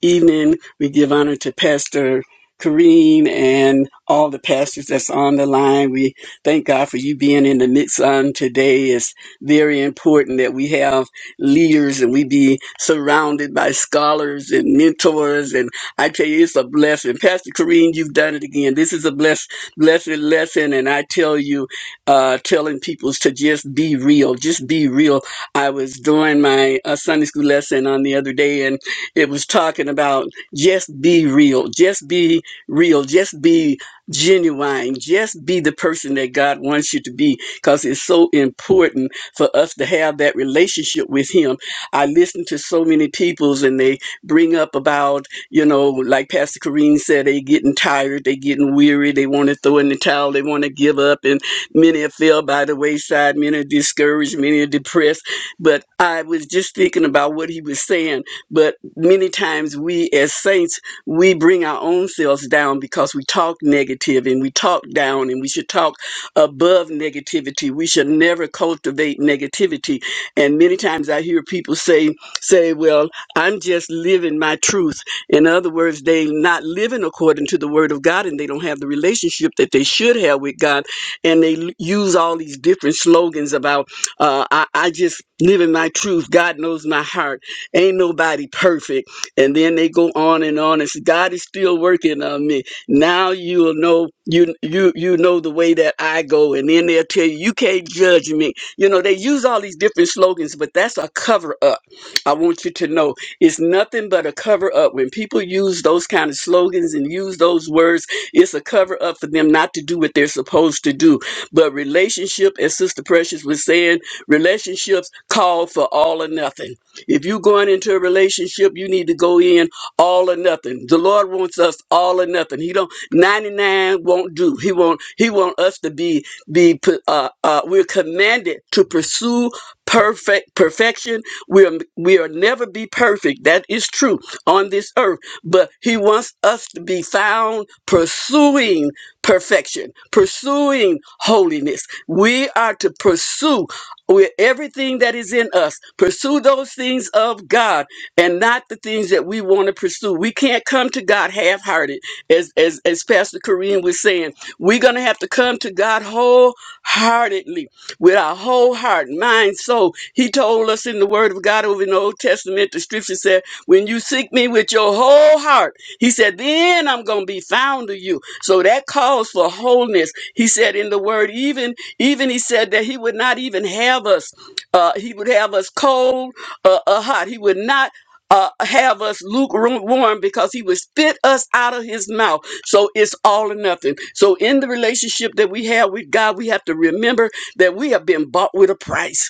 G: evening. We give honor to Pastor Kareem and all the pastors that's on the line. We thank God for you being in the midst on today. It's very important that we have leaders and we be surrounded by scholars and mentors. And I tell you, it's a blessing. Pastor Kareem, you've done it again. This is a blessed, blessed lesson. And I tell you, uh, telling people to just be real, just be real I was doing my uh, Sunday school lesson on the other day, and it was talking about just be real, just be real, just be genuine, just be the person that God wants you to be, because it's so important for us to have that relationship with Him. I listen to so many peoples, and they bring up about, you know, like Pastor Corrine said, they getting tired, they getting weary, they want to throw in the towel, they want to give up, and many are fell by the wayside, many are discouraged, many are depressed but I was just thinking about what he was saying. But many times we as saints, we bring our own selves down because we talk negative and we talk down and we should talk above negativity. We should never cultivate negativity. And many times I hear people say, say, well, I'm just living my truth. In other words, they not living according to the word of God and they don't have the relationship that they should have with God. And they l- use all these different slogans about uh, I, I just live in my truth. God knows my heart. Ain't nobody perfect. And then they go on and on. And say, God is still working on me. Now you'll know you you you know the way that I go. And then they'll tell you you can't judge me. You know they use all these different slogans, but that's a cover up. I want you to know it's nothing but a cover up. When people use those kind of slogans and use those words, it's a cover up for them not to do what they're supposed to do. But relationship, as Sister Precious was saying. Relationships call for all or nothing. If you're going into a relationship, you need to go in all or nothing. The Lord wants us all or nothing. He don't 99 won't do. He won't. he want us to be be pu- uh, uh we're commanded to pursue perfect perfection. We are we'll never be perfect. That is true on this earth, but he wants us to be found pursuing perfection, pursuing holiness. We are to pursue with everything that is in us. Pursue those things of God and not the things that we want to pursue. We can't come to God half-hearted, as as, as Pastor Kareem was saying. We're gonna have to come to God wholeheartedly with our whole heart, mind, soul. He told us in the Word of God over in the Old Testament, the Scripture said, "When you seek Me with your whole heart." He said, Then I'm gonna be found of you. So that calls for wholeness. He said in the word, even even he said that he would not even have us, uh, he would have us cold uh, or hot. He would not uh, have us lukewarm because he would spit us out of his mouth. So it's all or nothing. So in the relationship that we have with God, we have to remember that we have been bought with a price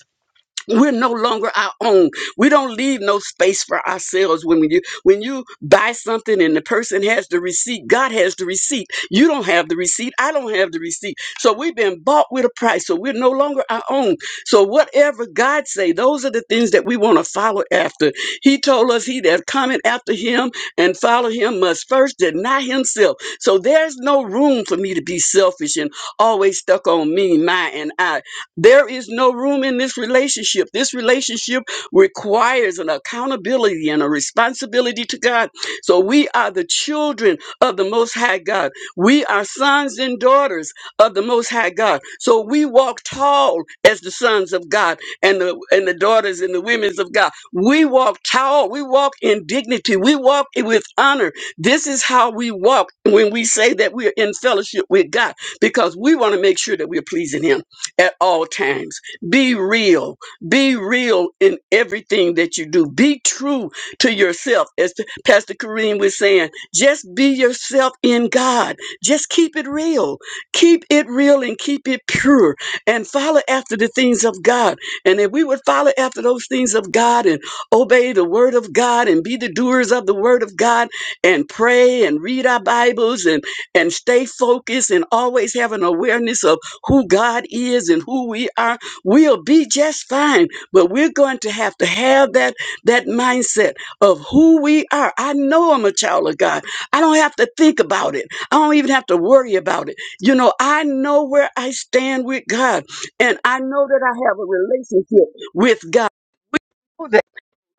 G: we're no longer our own we don't leave no space for ourselves when you when you buy something and the person has the receipt god has the receipt you don't have the receipt i don't have the receipt so we've been bought with a price so we're no longer our own so whatever god say those are the things that we want to follow after he told us he that cometh after him and follow him must first deny himself so there's no room for me to be selfish and always stuck on me my and i there is no room in this relationship. This relationship requires an accountability and a responsibility to God. So we are the children of the Most High God. We are sons and daughters of the Most High God. So we walk tall as the sons of God and the and the daughters and the women's of God. We walk tall. We walk in dignity. We walk with honor. This is how we walk when we say that we're in fellowship with God because we want to make sure that we're pleasing Him at all times. Be real. Be real in everything that you do. Be true to yourself. As Pastor Kareem was saying, just be yourself in God. Just keep it real. Keep it real and keep it pure and follow after the things of God. And if we would follow after those things of God and obey the word of God and be the doers of the word of God and pray and read our Bibles and, and stay focused and always have an awareness of who God is and who we are, we'll be just fine. But we're going to have to have that, that mindset of who we are. I know I'm a child of God. I don't have to think about it. I don't even have to worry about it. You know, I know where I stand with God and I know that I have a relationship with God.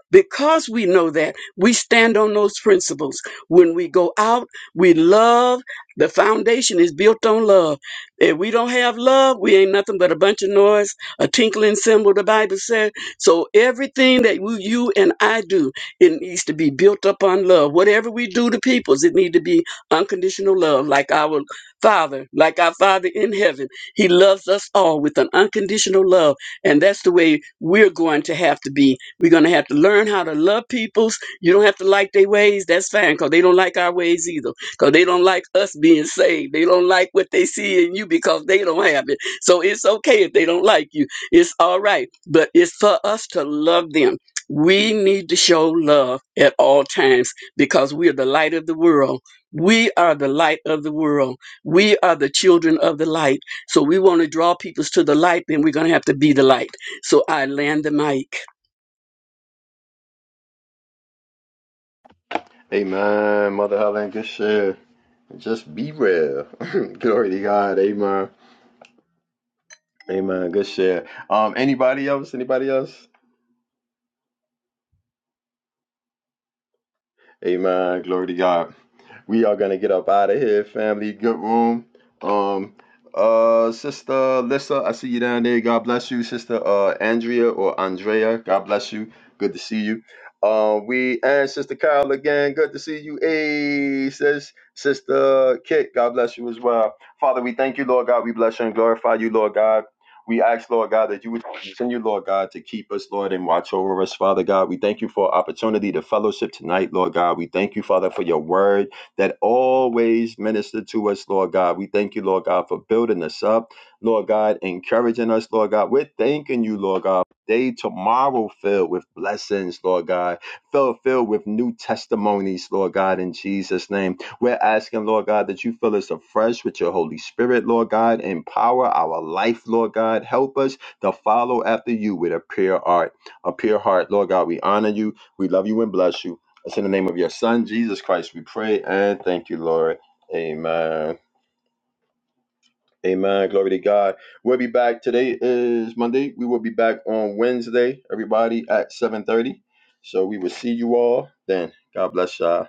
G: Because we know that, we stand on those principles. When we go out, we love. The foundation is built on love. If we don't have love, we ain't nothing but a bunch of noise, a tinkling cymbal, the Bible said. So everything that we, you and I do, it needs to be built up on love. Whatever we do to peoples, it need to be unconditional love, like our Father, like our Father in heaven. He loves us all with an unconditional love and that's the way we're going to have to be. We're going to have to learn how to love peoples. You don't have to like their ways. That's fine because they don't like our ways either because they don't like us being saved. They don't like what they see in you because they don't have it. So it's okay if they don't like you. It's all right. But it's for us to love them. We need to show love at all times because we are the light of the world. We are the light of the world. We are the children of the light so we want to draw people to the light, then we're going to have to be the light. So I land the mic.
C: Amen. Mother Helen, good share. Just be real. Glory to God. Amen. Amen. Good share. Um, anybody else? Anybody else? Amen. Glory to God. we are gonna get up out of here, family. Good room. Um, uh, sister Lissa, I see you down there. God bless you, sister. Uh, Andrea or Andrea, God bless you. Good to see you. Uh, we and sister Kyle again. Good to see you. Hey, sis, sister Kit, God bless you as well. Father, we thank you, Lord God. We bless you and glorify you, Lord God. We ask, Lord God, that you would continue, Lord God, to keep us, Lord, and watch over us, Father God. We thank you for opportunity to fellowship tonight, Lord God. We thank you, Father, for your word that always minister to us, Lord God. We thank you, Lord God, for building us up, Lord God, encouraging us, Lord God. We're thanking you, Lord God. Day tomorrow filled with blessings, Lord God, filled, filled with new testimonies, Lord God, in Jesus' name. We're asking, Lord God, that you fill us afresh with your Holy Spirit, Lord God, empower our life, Lord God. Help us to follow after you with a pure heart, a pure heart, Lord God. We honor you, we love you, and bless you. It's in the name of your son, Jesus Christ, we pray and thank you, Lord. Amen. Amen. Glory to God. We'll be back. Today is Monday. We will be back on Wednesday, everybody, at 7.30. So we will see you all then. God bless y'all.